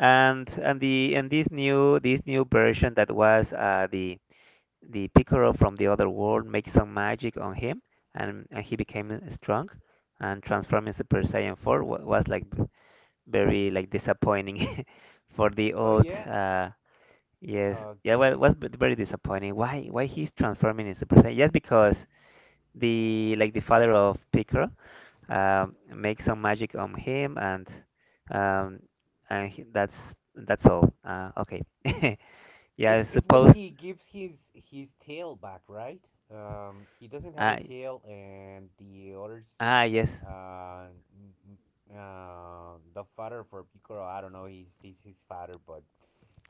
S1: And the and this new version, that was, the Piccolo from the other world makes some magic on him, and, he became strong, and transforming Super Saiyan 4 was like very like disappointing for the
S2: Oh
S1: old.
S2: yeah.
S1: Yes, yeah, well, it
S2: Okay.
S1: was very disappointing. Why he's transforming in Super Saiyan? Just because the father of Piccolo, make some magic on him, um, and that's all. Okay. Yeah, I
S2: It's when
S1: suppose.
S2: he gives his tail back, right? He doesn't have
S1: Uh,
S2: a tail, and the others,
S1: ah, yes.
S2: uh, n- the father for Picoro, I don't know, he's his father, but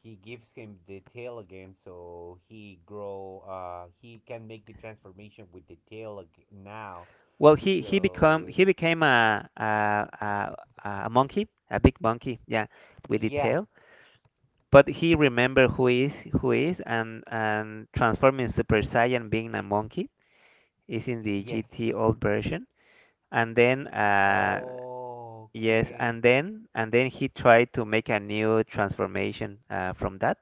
S2: he gives him the tail again, so he grow. He can make the transformation with the tail now.
S1: Well,
S2: So
S1: he became a a monkey, a big monkey. Yeah, with the
S2: yeah,
S1: tail. But he remember who is, and transforming Super Saiyan being a monkey, is in the GT
S2: yes.
S1: old version. And then yes,
S2: Okay.
S1: and then he tried to make a new transformation, from that,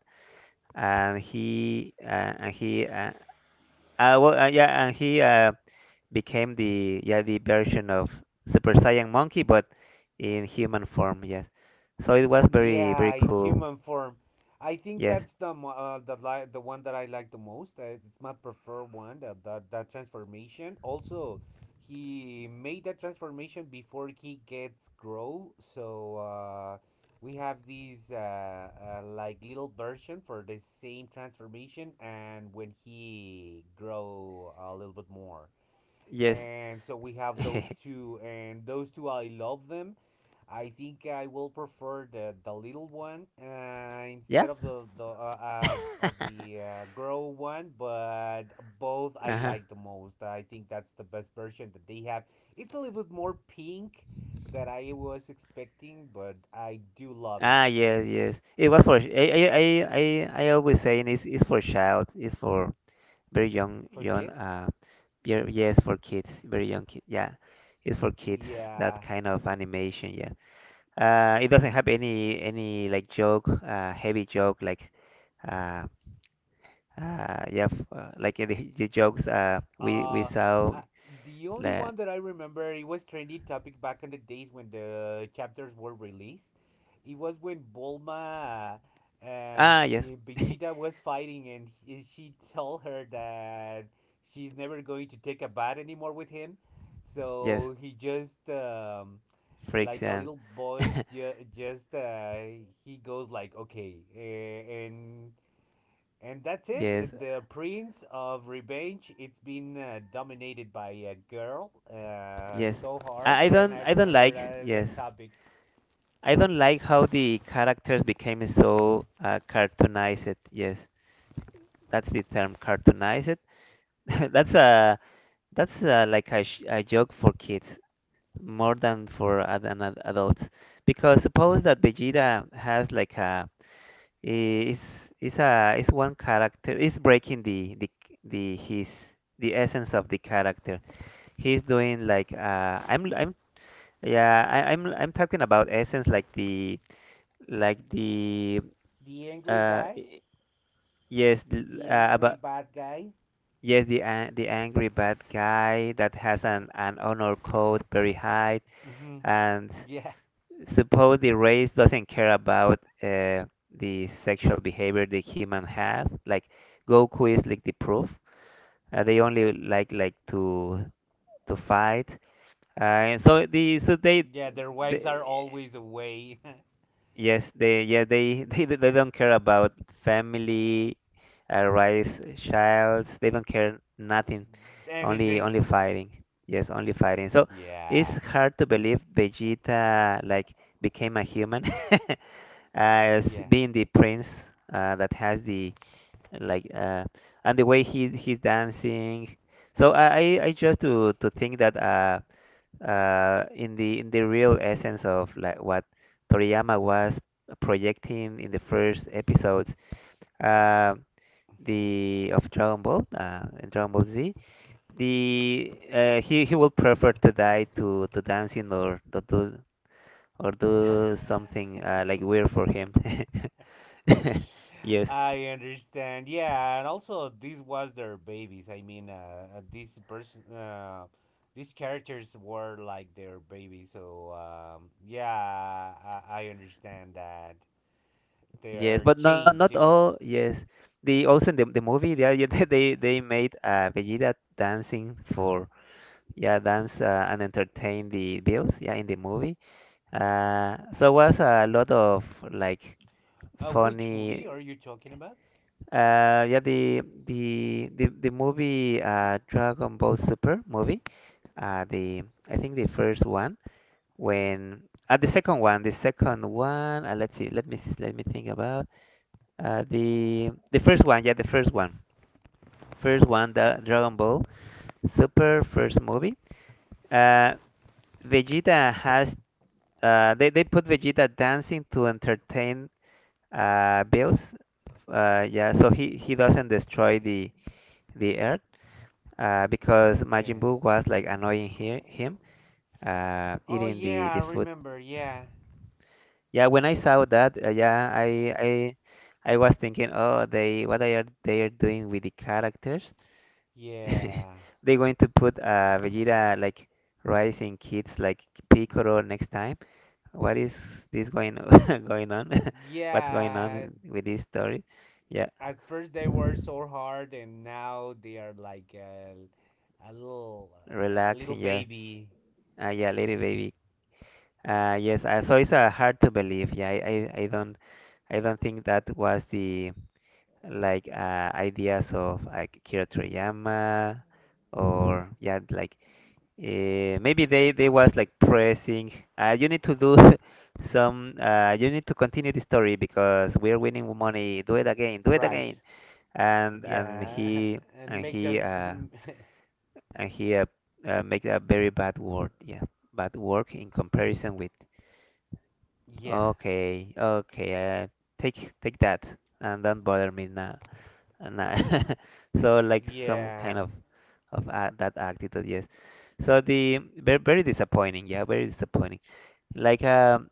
S1: and he well yeah, and he, became the yeah, the version of Super Saiyan Monkey, but in human form. Yes, so it was very
S2: Yeah, in
S1: cool.
S2: human form. I think
S1: Yes,
S2: that's the one that I like the most. It's my preferred one. That transformation. Also, he made that transformation before he gets grow. So we have these like little version for the same transformation, and when he grow a little bit more.
S1: yes,
S2: And so we have those two, and those two I love them. I think I will prefer the little one
S1: yeah.
S2: instead of the grow one, but both I
S1: Uh-huh.
S2: like the most. I think that's the best version that they have. It's a little bit more pink that I was expecting, but I do love it
S1: Ah, yes, yes. It was for. I always saying it's for child. It's for very young,
S2: for
S1: young.
S2: kids.
S1: Yeah, yes, for kids, very young kids. Yeah, it's for kids. That
S2: Yeah.
S1: kind of animation. Yeah, it doesn't have any like joke, heavy joke like, uh, yeah, the jokes we
S2: Uh,
S1: saw
S2: uh, the only
S1: la.
S2: one that I remember, it was trendy topic back in the days when the chapters were released. It was when Bulma,
S1: Ah, yes,
S2: Vegeta was fighting, and he, she told her that she's never going to take a bath anymore with him.
S1: yes,
S2: So he just,
S1: freaks
S2: like a
S1: and
S2: little boy, just he goes like, okay, and that's it. Uh,
S1: yes,
S2: the Prince of Revenge. It's been dominated by a girl
S1: yes.
S2: so hard. And I
S1: I don't
S2: remember
S1: like,
S2: that as a
S1: yes.
S2: topic.
S1: I don't like how the characters became so, cartoonized. Yes, that's the term, cartoonized. That's a like a, a joke for kids more than for adults, because suppose that Vegeta has like a, is a, is one character, is breaking the his the essence of the character. He's doing like uh. I'm yeah, I'm talking about essence like the like the
S2: The angry
S1: uh.
S2: guy,
S1: Yes, the,
S2: the angry
S1: about
S2: bad guy.
S1: yes, the, the angry bad guy that has an honor code very high,
S2: Mm-hmm.
S1: and
S2: Yeah.
S1: suppose the race doesn't care about, the sexual behavior the human have. Like Goku is like the proof. They only like to fight. So they,
S2: Yeah, their wives are
S1: they
S2: always away.
S1: yes, they, yeah, they, they don't care about family, raise, childs. They don't care nothing. Only
S2: Anything.
S1: fighting. Yes, only fighting. So it's
S2: Yeah.
S1: hard to believe Vegeta like became a human as
S2: Yeah.
S1: being the prince, that has the like and the way he's dancing. So I just to think that, in the real essence of like what Toriyama was projecting in the first episodes, uh
S2: Hmm.
S1: the of Dragon Ball, in Dragon Ball Z, the he will prefer to die to dancing, or to do, or do something, like weird for him. Yes,
S2: I understand. Yeah, and also this was their babies. I mean, these person, these characters were like their babies. So yeah, I understand that they're
S1: yes, but not
S2: changed.
S1: not all. Yes, the also in the movie they are- yeah, they made, Vegeta dancing for, yeah, dance, and entertain the bills, yeah, in the movie. So was a lot of like
S2: Which movie
S1: funny.
S2: are you talking about?
S1: Yeah, the the movie, Dragon Ball Super movie. The I think the first one. When, the second one, the second one. Let's see, let me think about, the first one. Yeah, the first one, the Dragon Ball Super first movie. Uh, Vegeta has they put Vegeta dancing to entertain Bills. Yeah, so he doesn't destroy the Earth, because Majin
S2: Okay.
S1: Buu was like annoying he him,
S2: Oh
S1: eating the,
S2: yeah, I
S1: the food.
S2: remember. Yeah,
S1: Yeah, when I saw that, I was thinking, oh, they what they are doing with the characters?
S2: yeah,
S1: They're going to put Vegeta like rising kids like Piccolo next time. What is this going going on? What's going
S2: yeah.
S1: on with this story? Yeah,
S2: At first they were so hard, and now they are like a little, a little
S1: relaxing. Yeah,
S2: baby.
S1: yeah, little baby. Yes, so it's hard to believe. Yeah, I don't, I don't think that was the, like, ideas of like Akira Toriyama, or yeah, like, maybe they was like pressing, you need to do some, you need to continue the story because we're winning money, do it again, do it
S2: Right.
S1: again. And
S2: Yeah.
S1: he,
S2: And
S1: and
S2: make
S1: he
S2: us.
S1: and he make a very bad work, yeah, bad work in comparison with.
S2: yeah.
S1: Okay, okay, uh, take that, and don't bother me now. And now. So like some kind
S2: Yeah.
S1: of a that attitude, yes. So the very very disappointing, yeah, very disappointing. Like,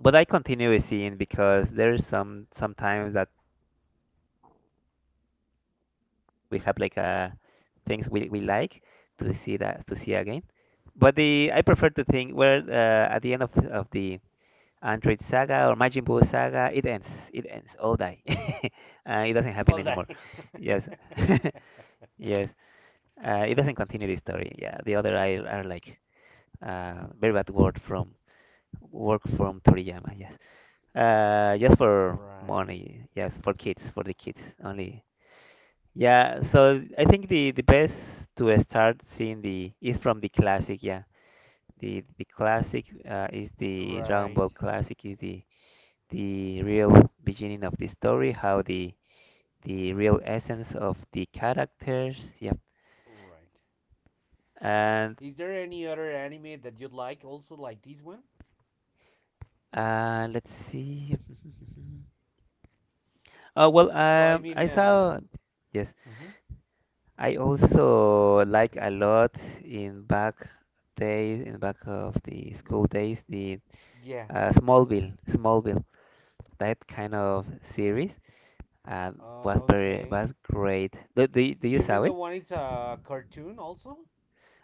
S1: but I continue seeing because there's some sometimes that we have like things we like to see, that to see again. But the I prefer to think where, at the end of the Android Saga or Majin Buu Saga, it ends. It ends. All die. It doesn't happen anymore.
S2: Hold on.
S1: Yes. Yes. It doesn't continue the story. Yeah. The other are like, very bad word from, work from Toriyama. Yes. Just for
S2: right.
S1: money. Yes. For kids. For the kids only. Yeah. So I think the best to start seeing the is from the classic. Yeah. The classic, is the Dragon
S2: Right.
S1: Ball classic, is the real beginning of the story, how the real essence of the characters. Yep.
S2: Right.
S1: And
S2: Is there any other anime that you'd like also like this one?
S1: let's see. Oh well,
S2: So I mean,
S1: I saw. Yes,
S2: hmm,
S1: I also like a lot in back days, in back of the school days, the
S2: yeah.
S1: Smallville, Smallville, that kind of series. Was very
S2: Okay.
S1: was great. Do you
S2: You
S1: saw
S2: mean the
S1: it?
S2: one it's a cartoon also?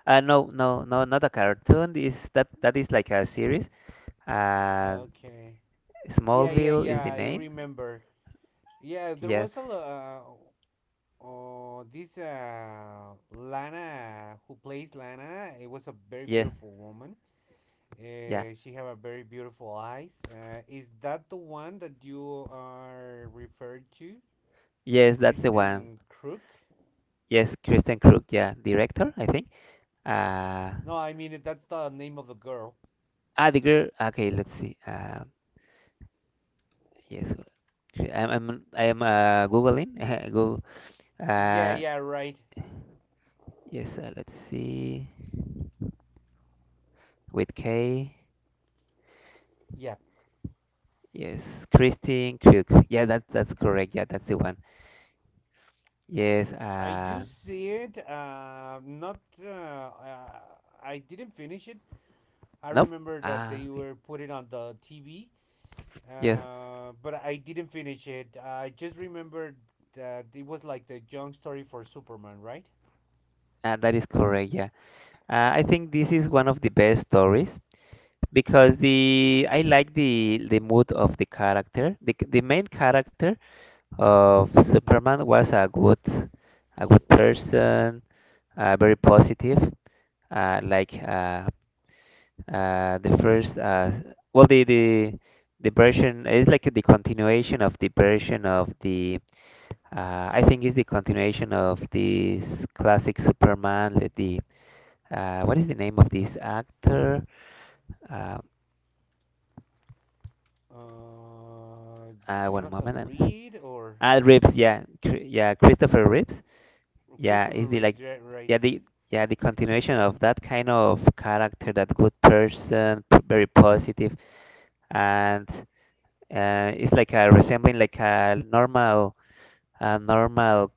S1: No, no, no, not a cartoon. Is that that is like a series. Uh,
S2: Okay. Yeah, yeah,
S1: Smallville is
S2: yeah.
S1: the
S2: I
S1: name.
S2: remember. Yeah, there
S1: Yeah,
S2: was a oh, this Lana, who plays Lana, it was a very
S1: yeah,
S2: beautiful woman.
S1: yeah.
S2: She have a very beautiful eyes. Is that the one that you are referred to,
S1: Yes, that's the one.
S2: Kristen Crook?
S1: Yes, Kristen Crook. Yeah, director, I think. Uh,
S2: No, I mean that's the name of the girl.
S1: ah, the girl. Okay, let's see. Yes, Kri- I'm I'm I'm googling. Google.
S2: Yeah,
S1: Uh,
S2: yeah, right.
S1: yes, let's see. With K.
S2: Yeah,
S1: Yes, Kristen Crook. Yeah, that that's correct. Yeah, that's the one. Yes.
S2: I do see it. Not. I didn't finish it. I
S1: Nope.
S2: remember that
S1: Ah,
S2: they
S1: okay.
S2: were put it on the TV.
S1: Yes.
S2: But I didn't finish it. I just remembered that it was like the young story for Superman, right?
S1: And that is correct, yeah. I think this is one of the best stories because the I like the mood of the character. The main character of Superman was a good, a good person, very positive. Like the first well the version is like the continuation of the version of the, I think it's the continuation of this classic Superman, the what is the name of this actor? Um
S2: Uh,
S1: one moment.
S2: Jonathan
S1: I'm-
S2: Reed or
S1: Ah, Reeves. Yeah, Christopher Reeves. Yeah, is
S2: Christopher
S1: the like,
S2: Reeves, right? Right?
S1: yeah, the yeah the continuation of that kind of character, that good person, very positive, and, it's like a resembling like a normal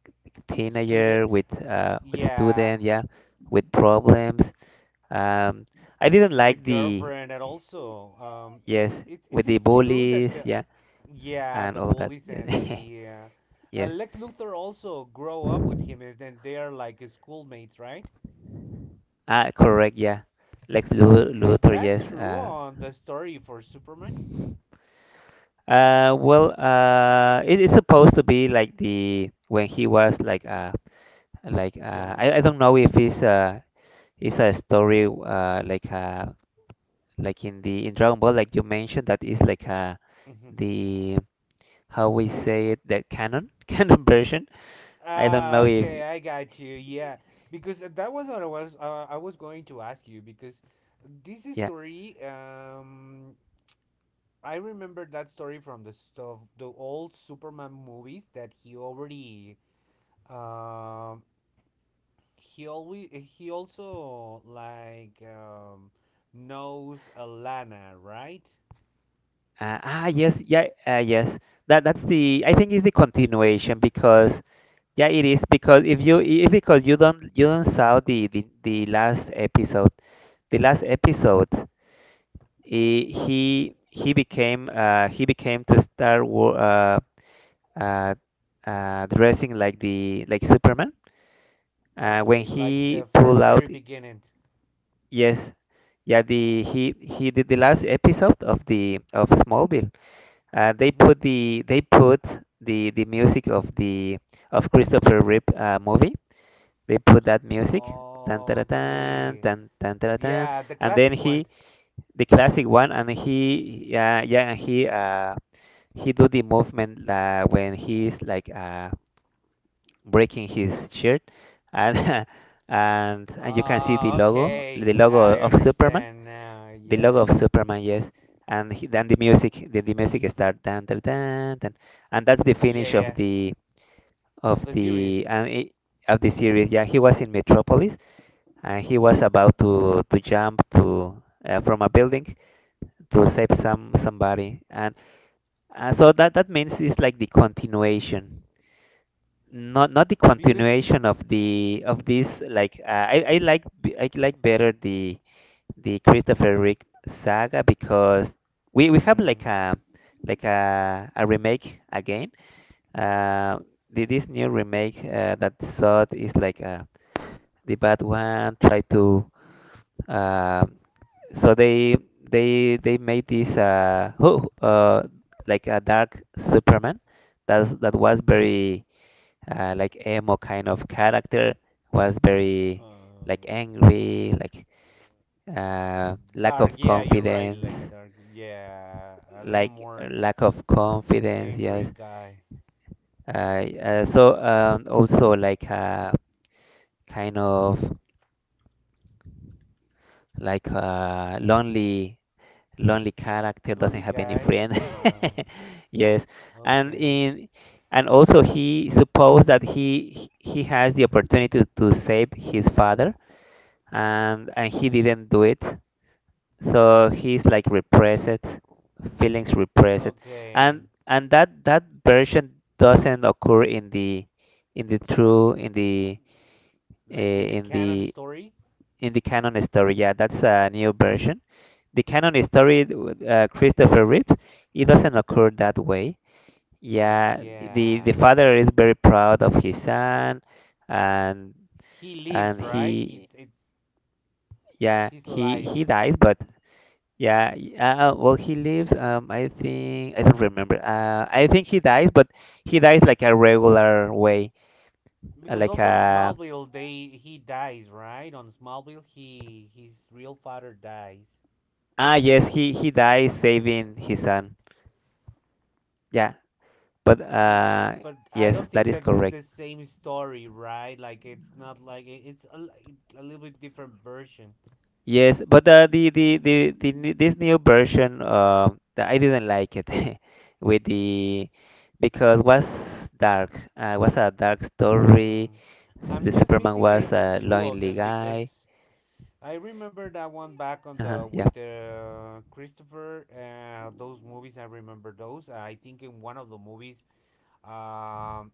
S2: A
S1: teenager
S2: student.
S1: with, with
S2: Yeah,
S1: student, yeah, with problems. Um, I didn't like
S2: with
S1: the
S2: girlfriend and also it,
S1: yes
S2: it,
S1: with
S2: is
S1: the
S2: it true that
S1: bullies,
S2: the
S1: yeah.
S2: yeah
S1: And
S2: the
S1: all that.
S2: bullies and
S1: Yes,
S2: the
S1: yes.
S2: Lex Luthor also grow up with him and then they are like schoolmates, right?
S1: Ah, correct. Yeah,
S2: Is
S1: Luthor.
S2: that
S1: Yes.
S2: true on the story for Superman?
S1: Well, it is supposed to be like the when he was like
S2: Young.
S1: I don't know if it's it's a story like in the in Dragon Ball like you mentioned that is like
S2: Mhm.
S1: the how we say it the canon canon version. I don't
S2: Ah,
S1: know if
S2: okay, I got you. Yeah, because that was what I was going to ask you, because this
S1: yeah.
S2: story I remember that story from the stuff the old Superman movies that he already um he always he also like knows Alana, right?
S1: Yes, yeah, yes. That that's the I think is the continuation because yeah, it is because if you if because you don't saw the last episode, he became to start War uh dressing like the like Superman. When
S2: Okay, like
S1: he
S2: the
S1: pulled
S2: first very
S1: out,
S2: beginning.
S1: yes, yeah, the he did the last episode of the of Smallville. They
S2: Mhm.
S1: put the they put the music of the of Christopher Reeve, movie. They put that music, tan tan tan
S2: Okay.
S1: tan tan tara, tan,
S2: Yeah, the
S1: and then
S2: classic one.
S1: he, the classic one, and he yeah yeah and he do the movement, when he's like breaking his shirt, and and you can see
S2: Ah,
S1: the
S2: okay.
S1: logo
S2: I
S1: of Superman,
S2: understand now.
S1: the logo
S2: Yeah.
S1: of Superman, yes, and he, then the music start dan dan dan, dan, and that's the
S2: Yeah,
S1: finish
S2: yeah.
S1: of
S2: Of the series.
S1: the and it, of the series. Yeah, he was in Metropolis, and he was about to jump to, from a building to save some somebody, and, so that that means it's like the continuation. Not not the
S2: Because.
S1: continuation of the of this like, I like I like better the Christopher Rick saga because we have
S2: Mm,
S1: like a remake again. Uh, the, this new remake, that Sod is like, the bad one try to, uh, so they they made this, who, like a dark Superman, that that was very, like emo kind of character, was
S2: uh,
S1: very like angry like, lack
S2: dark,
S1: of
S2: yeah, you're right.
S1: confidence,
S2: Like, dark. Yeah. A little
S1: like,
S2: more
S1: lack of confidence, yes,
S2: angry guy.
S1: also like, kind of like, lonely, lonely character, doesn't
S2: Lonely
S1: have any
S2: guy.
S1: friend. Yes, and
S2: Okay.
S1: in, and also he supposed that he has the opportunity to save his father, and he didn't do it, so he's like repressed, feelings repressed,
S2: Okay.
S1: and that that version doesn't occur in the true in the,
S2: Like in the
S1: in
S2: canon
S1: the
S2: story?
S1: in the canon story, yeah, that's a new version, the canon story, Christopher Reeves, it doesn't occur that way,
S2: Mm,
S1: yeah, the
S2: yeah.
S1: father is very proud of his son, and
S2: He lives,
S1: and
S2: right? He,
S1: he
S2: it's
S1: yeah
S2: his life.
S1: he dies, but. Yeah, well, he lives. I think I don't remember. I think he dies, but he dies like a regular way,
S2: Because
S1: like
S2: also on
S1: a,
S2: Smallville, they he dies, right? On Smallville, he his real father dies.
S1: ah yes, he dies saving his son. Yeah, but
S2: Uh, but I
S1: yes,
S2: don't
S1: that
S2: think
S1: is
S2: that it's
S1: correct.
S2: the same story, right? Like it's not like it's a little bit different version.
S1: Yes, but, this new version that I didn't like it with the because was dark. Was a dark story.
S2: Mm. I'm
S1: The
S2: just
S1: Superman
S2: missing, I
S1: was
S2: think,
S1: a
S2: two of
S1: lonely
S2: them
S1: guy.
S2: because I remember that one back on
S1: Uh-huh,
S2: the
S1: yeah.
S2: with the Christopher. Those movies, I remember those. I think in one of the movies, um,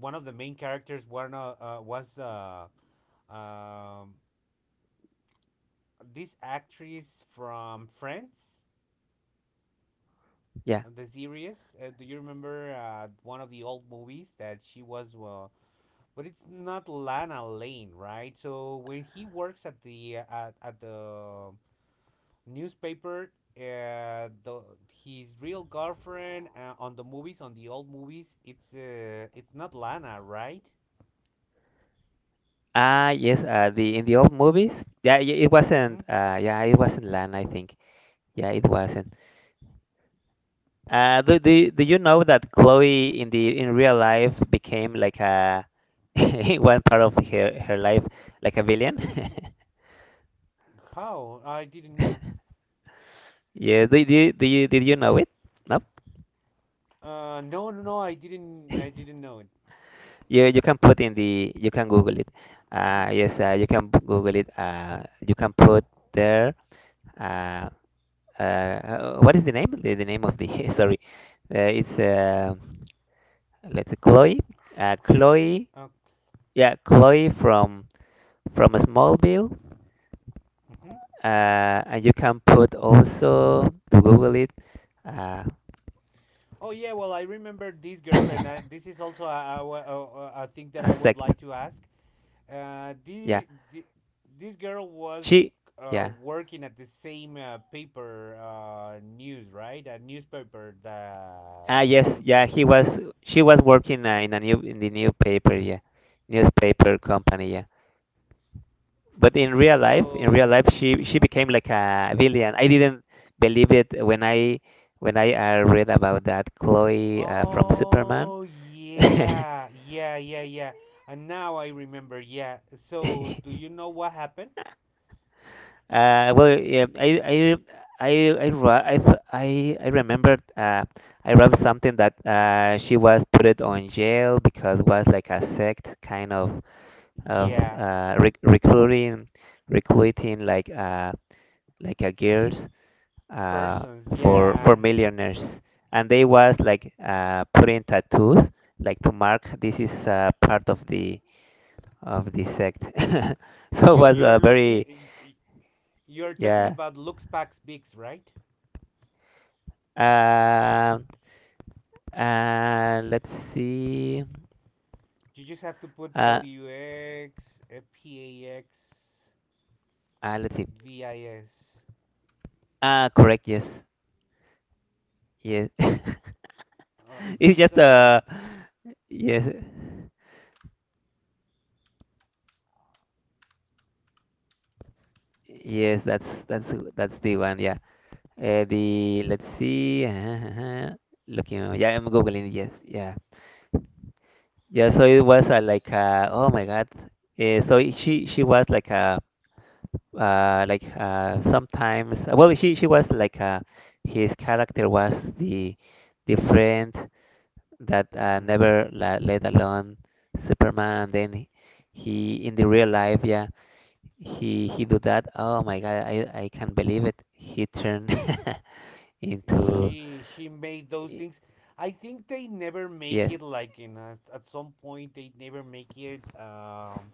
S2: one of the main characters, one was Um, this actress from Friends,
S1: Yeah.
S2: the series. Do you remember one of the old movies that she was? But it's not Lana Lane, right? So when he works at the at the newspaper, the his real girlfriend on the movies, on the old movies, it's not Lana, right?
S1: Ah, yes, the in the old movies. Yeah, it
S2: Mm-hmm.
S1: wasn't. Yeah, it wasn't Lana, I think. Yeah, it wasn't. Do you know that Chloe in the in real life became like a in one part of her life, like a villain?
S2: How I didn't know.
S1: Yeah, do you did you know it? No.
S2: No, I didn't know it.
S1: You can put in the you can Google it.
S2: hmm
S1: Yes, you can Google it. You can put there. Uh, what is the name? The name of the sorry, it's let's see, Chloe,
S2: Kristen.
S1: Chloe,
S2: Oh,
S1: yeah, Chloe from Smallville,
S2: mhm.
S1: and you can put also to Google it, uh,
S2: Oh, yeah. Well, I remember this
S1: a
S2: girl, and this is also a thing that I would
S1: sect,
S2: like to ask. Uh,
S1: yeah,
S2: the, the this girl was
S1: she, yeah,
S2: working at the same paper news, right? A newspaper
S1: ah
S2: that
S1: yes, yeah, he
S2: also.
S1: was, she was working, in a new in the new paper, yeah, newspaper company, yeah. But in real life, in real
S2: So.
S1: life, she
S2: hmm
S1: became like a villain. I didn't believe it when I read about that Chloe, from Superman.
S2: Oh
S1: uh,
S2: yeah. And now I remember. Yeah. So do you know what happened?
S1: well yeah, i I remembered, I read something that, she was put on jail because was like a sect kind of,
S2: Yeah.
S1: recruiting, recruiting like, like a girls, uh,
S2: Persons.
S1: for
S2: Yeah,
S1: millionaires, and they was like, putting tattoos like to mark this is, part of the sect. so it was
S2: you're
S1: a very
S2: looking. You're talking
S1: yeah.
S2: about Lux Pax Bix, right?
S1: Um let's see.
S2: You just have to put
S1: Uh,
S2: LUX P A X
S1: let's see.
S2: V I S.
S1: Ah, correct. Yes, yes.
S2: Is
S1: it's
S2: this
S1: just,
S2: the?
S1: yes, yes. That's the one. Yeah. The let's see. Looking. Yeah, I'm googling. Yes. Yeah. Yeah, so it was,
S2: s-
S1: like,
S2: s-
S1: oh my God. So she was like a, like, sometimes well she was like, his character was the friend that,
S2: mhm.
S1: never la let alone Superman. Then he in the real life, yeah, he do that. Oh my God, I can't believe it. He turned into
S2: She made those
S1: y-
S2: things. I think they never make
S1: yes.
S2: it like in a, at some point they never make it um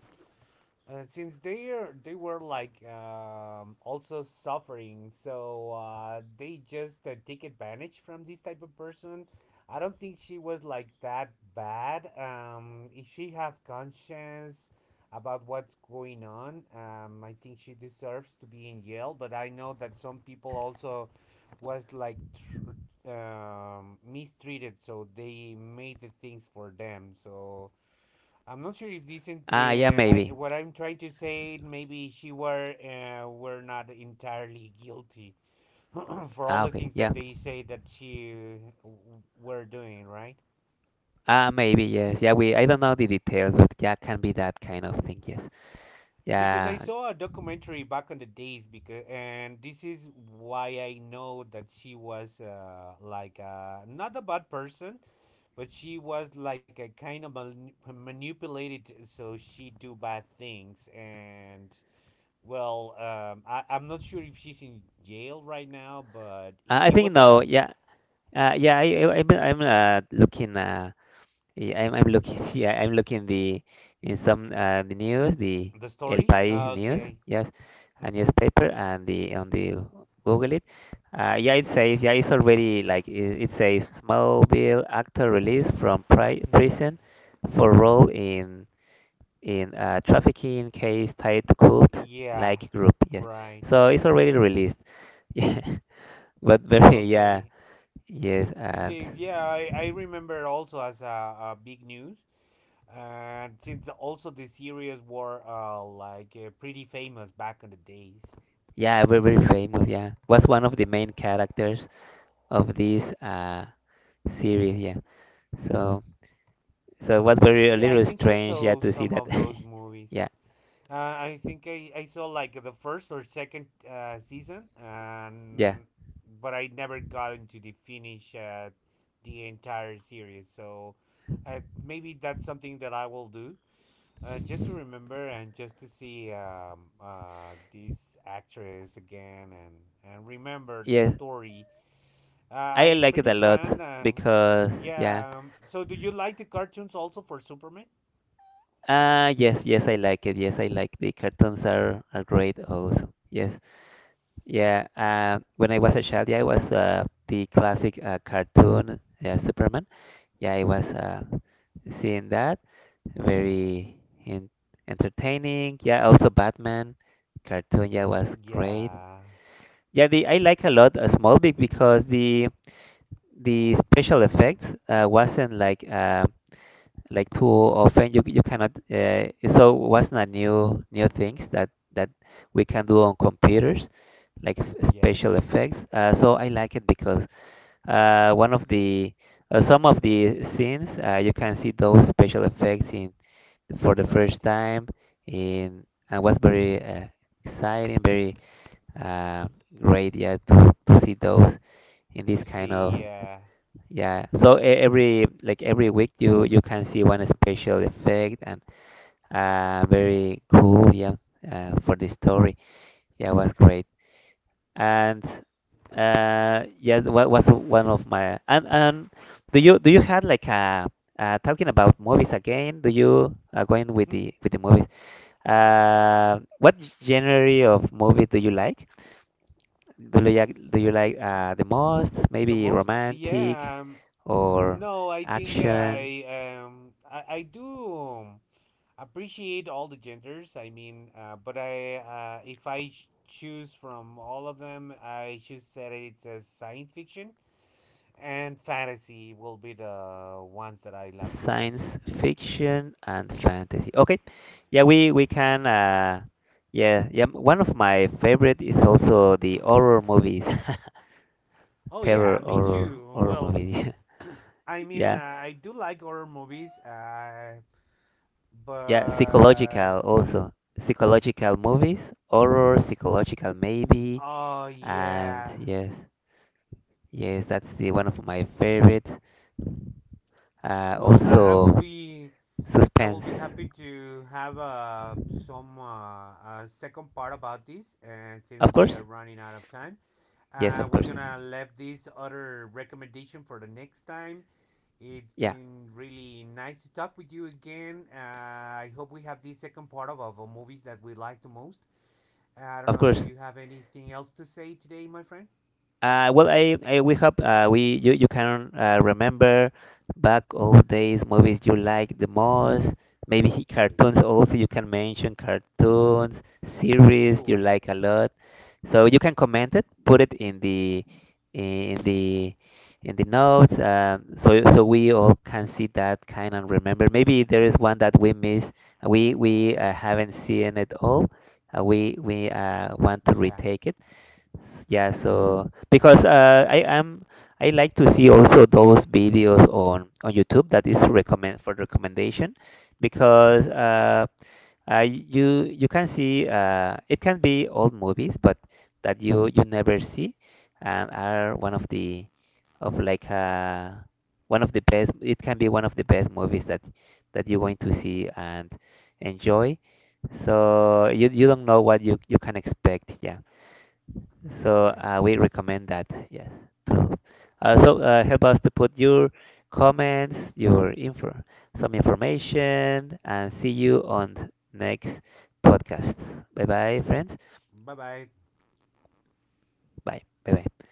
S2: uh, since they were like also suffering, so they just take advantage from this type of person. I don't think she was like that bad. If she have conscience about what's going on, I think she deserves to be in jail. But I know that some people also was like mistreated, so they made the things for them. So I'm not sure if this.
S1: Ah, yeah,
S2: I
S1: maybe.
S2: what I'm trying to say, maybe she were not entirely guilty for all
S1: Ah,
S2: the
S1: okay.
S2: things that
S1: Yeah.
S2: they say that she were doing, right?
S1: Maybe yes. Yeah, we I don't know the details, but yeah, can be that kind of thing. Yes.
S2: Because I
S1: Yeah.
S2: saw a documentary back on the days, because and this is why I know that she was not a bad person, but she was like a kind of manipulated, so she do bad things and well, I'm not sure if she's in jail right now, but
S1: I
S2: it
S1: think
S2: was
S1: no.
S2: a
S1: Yeah. Yeah. I'm looking. Yeah, I'm looking. Yeah, I'm looking the in some the news, the
S2: the
S1: El
S2: story.
S1: País news.
S2: Okay.
S1: Yes, a
S2: Mhm.
S1: newspaper, and the on the Google it. Yeah, it says. Yeah, it's already it says. Smallville actor released from
S2: Mhm.
S1: prison for role in a trafficking case tied to cult
S2: Yeah.
S1: like group, yes,
S2: Right.
S1: so it's already released. Yeah, but very, yeah,
S2: Okay.
S1: yes,
S2: It
S1: and
S2: says yeah. I remember also as a, big news, and since also the series were pretty famous back in the days.
S1: yeah, very very famous, yeah, was one of the main characters of this, series, yeah, so so it was very a
S2: Yeah, I
S1: little
S2: think I
S1: strange, yeah,
S2: saw
S1: to see
S2: some
S1: that.
S2: of those movies.
S1: Yeah,
S2: I think I saw like the first or second season,
S1: yeah.
S2: and but I never got into the finish the entire series. So maybe that's something that I will do, just to remember and just to see this actress again and remember the
S1: Yes,
S2: story.
S1: I
S2: I'm
S1: like it
S2: pretty
S1: a lot
S2: fan.
S1: because yeah.
S2: Yeah. So do you like the cartoons also for Superman?
S1: Yes, yes, I like it. Yes, I like the cartoons, are great also. Yes. Yeah, when I was a child, yeah, I was the classic cartoon Superman. Yeah, I was seeing that very in entertaining. Yeah, also Batman cartoon. Yeah, was great.
S2: Yeah.
S1: Yeah, the I like a lot Smallville because the special effects wasn't like too often you cannot so what's not new new things that that we can do on computers like
S2: Yeah.
S1: special effects, so I like it because one of the some of the scenes you can see those special effects in for the
S2: Right.
S1: first time in and was very exciting, very uh, great, yeah, to see those in
S2: To
S1: this kind
S2: see,
S1: of.
S2: yeah.
S1: Yeah, so every like every week you can see one special effect, and very cool, yeah, for the story. Yeah, it was great. And yeah, what was one of my, and do you had like a talking about movies again? Do you going
S2: hmm
S1: with the movies? What genre of movie do you like? Do you like, do you like the most?
S2: the
S1: Maybe
S2: most,
S1: romantic
S2: yeah.
S1: or
S2: No I think
S1: action?
S2: I do appreciate all the genders, but I if I sh- choose from all of them I should say it's a science fiction and fantasy will be the ones that I like the most.
S1: Science fiction and fantasy. Okay, yeah, we can. Yeah, yeah. One of my favorite is also the horror movies,
S2: Oh
S1: terror
S2: yeah, me
S1: horror
S2: too.
S1: horror
S2: Well,
S1: movies. Yeah,
S2: I do like horror movies,
S1: yeah.
S2: but
S1: Psychological also, psychological movies, horror psychological maybe,
S2: oh
S1: and
S2: yeah,
S1: yes, yes. That's the one of my favorite.
S2: well,
S1: Also
S2: I will
S1: suspense,
S2: be happy to have some second part about this, and since
S1: of
S2: we
S1: course.
S2: are running out of time,
S1: Yes, of
S2: we're
S1: course.
S2: gonna leave this other recommendation for the next time. It's
S1: Yeah,
S2: been really nice to talk with you again. I hope we have the second part of movies that we like the most. I don't
S1: of
S2: know if
S1: course.
S2: you have anything else to say today, my friend.
S1: Well, I we hope we you, you can remember back old days movies you like the most. Maybe
S2: Great.
S1: cartoons also you can mention cartoons, series you
S2: Sure.
S1: like a lot. So you can comment it, put it in the in the in the notes, so so we all can see that kind and remember. Maybe there is one that we miss, we haven't seen it all. We want to
S2: Yeah.
S1: retake it. Yeah, so because I am I like to see also those videos on YouTube that is recommend for recommendation because you can see it can be old movies but that you never see and are one of the of like one of the best, it can be one of the best movies that that you're going to see and enjoy, so you don't know what you can expect, yeah, so
S2: Right.
S1: we recommend that. Yes. To also help us to put your comments, your info, some information, and see you on the next podcast. Bye bye, friends.
S2: Bye bye.
S1: Bye. Bye bye.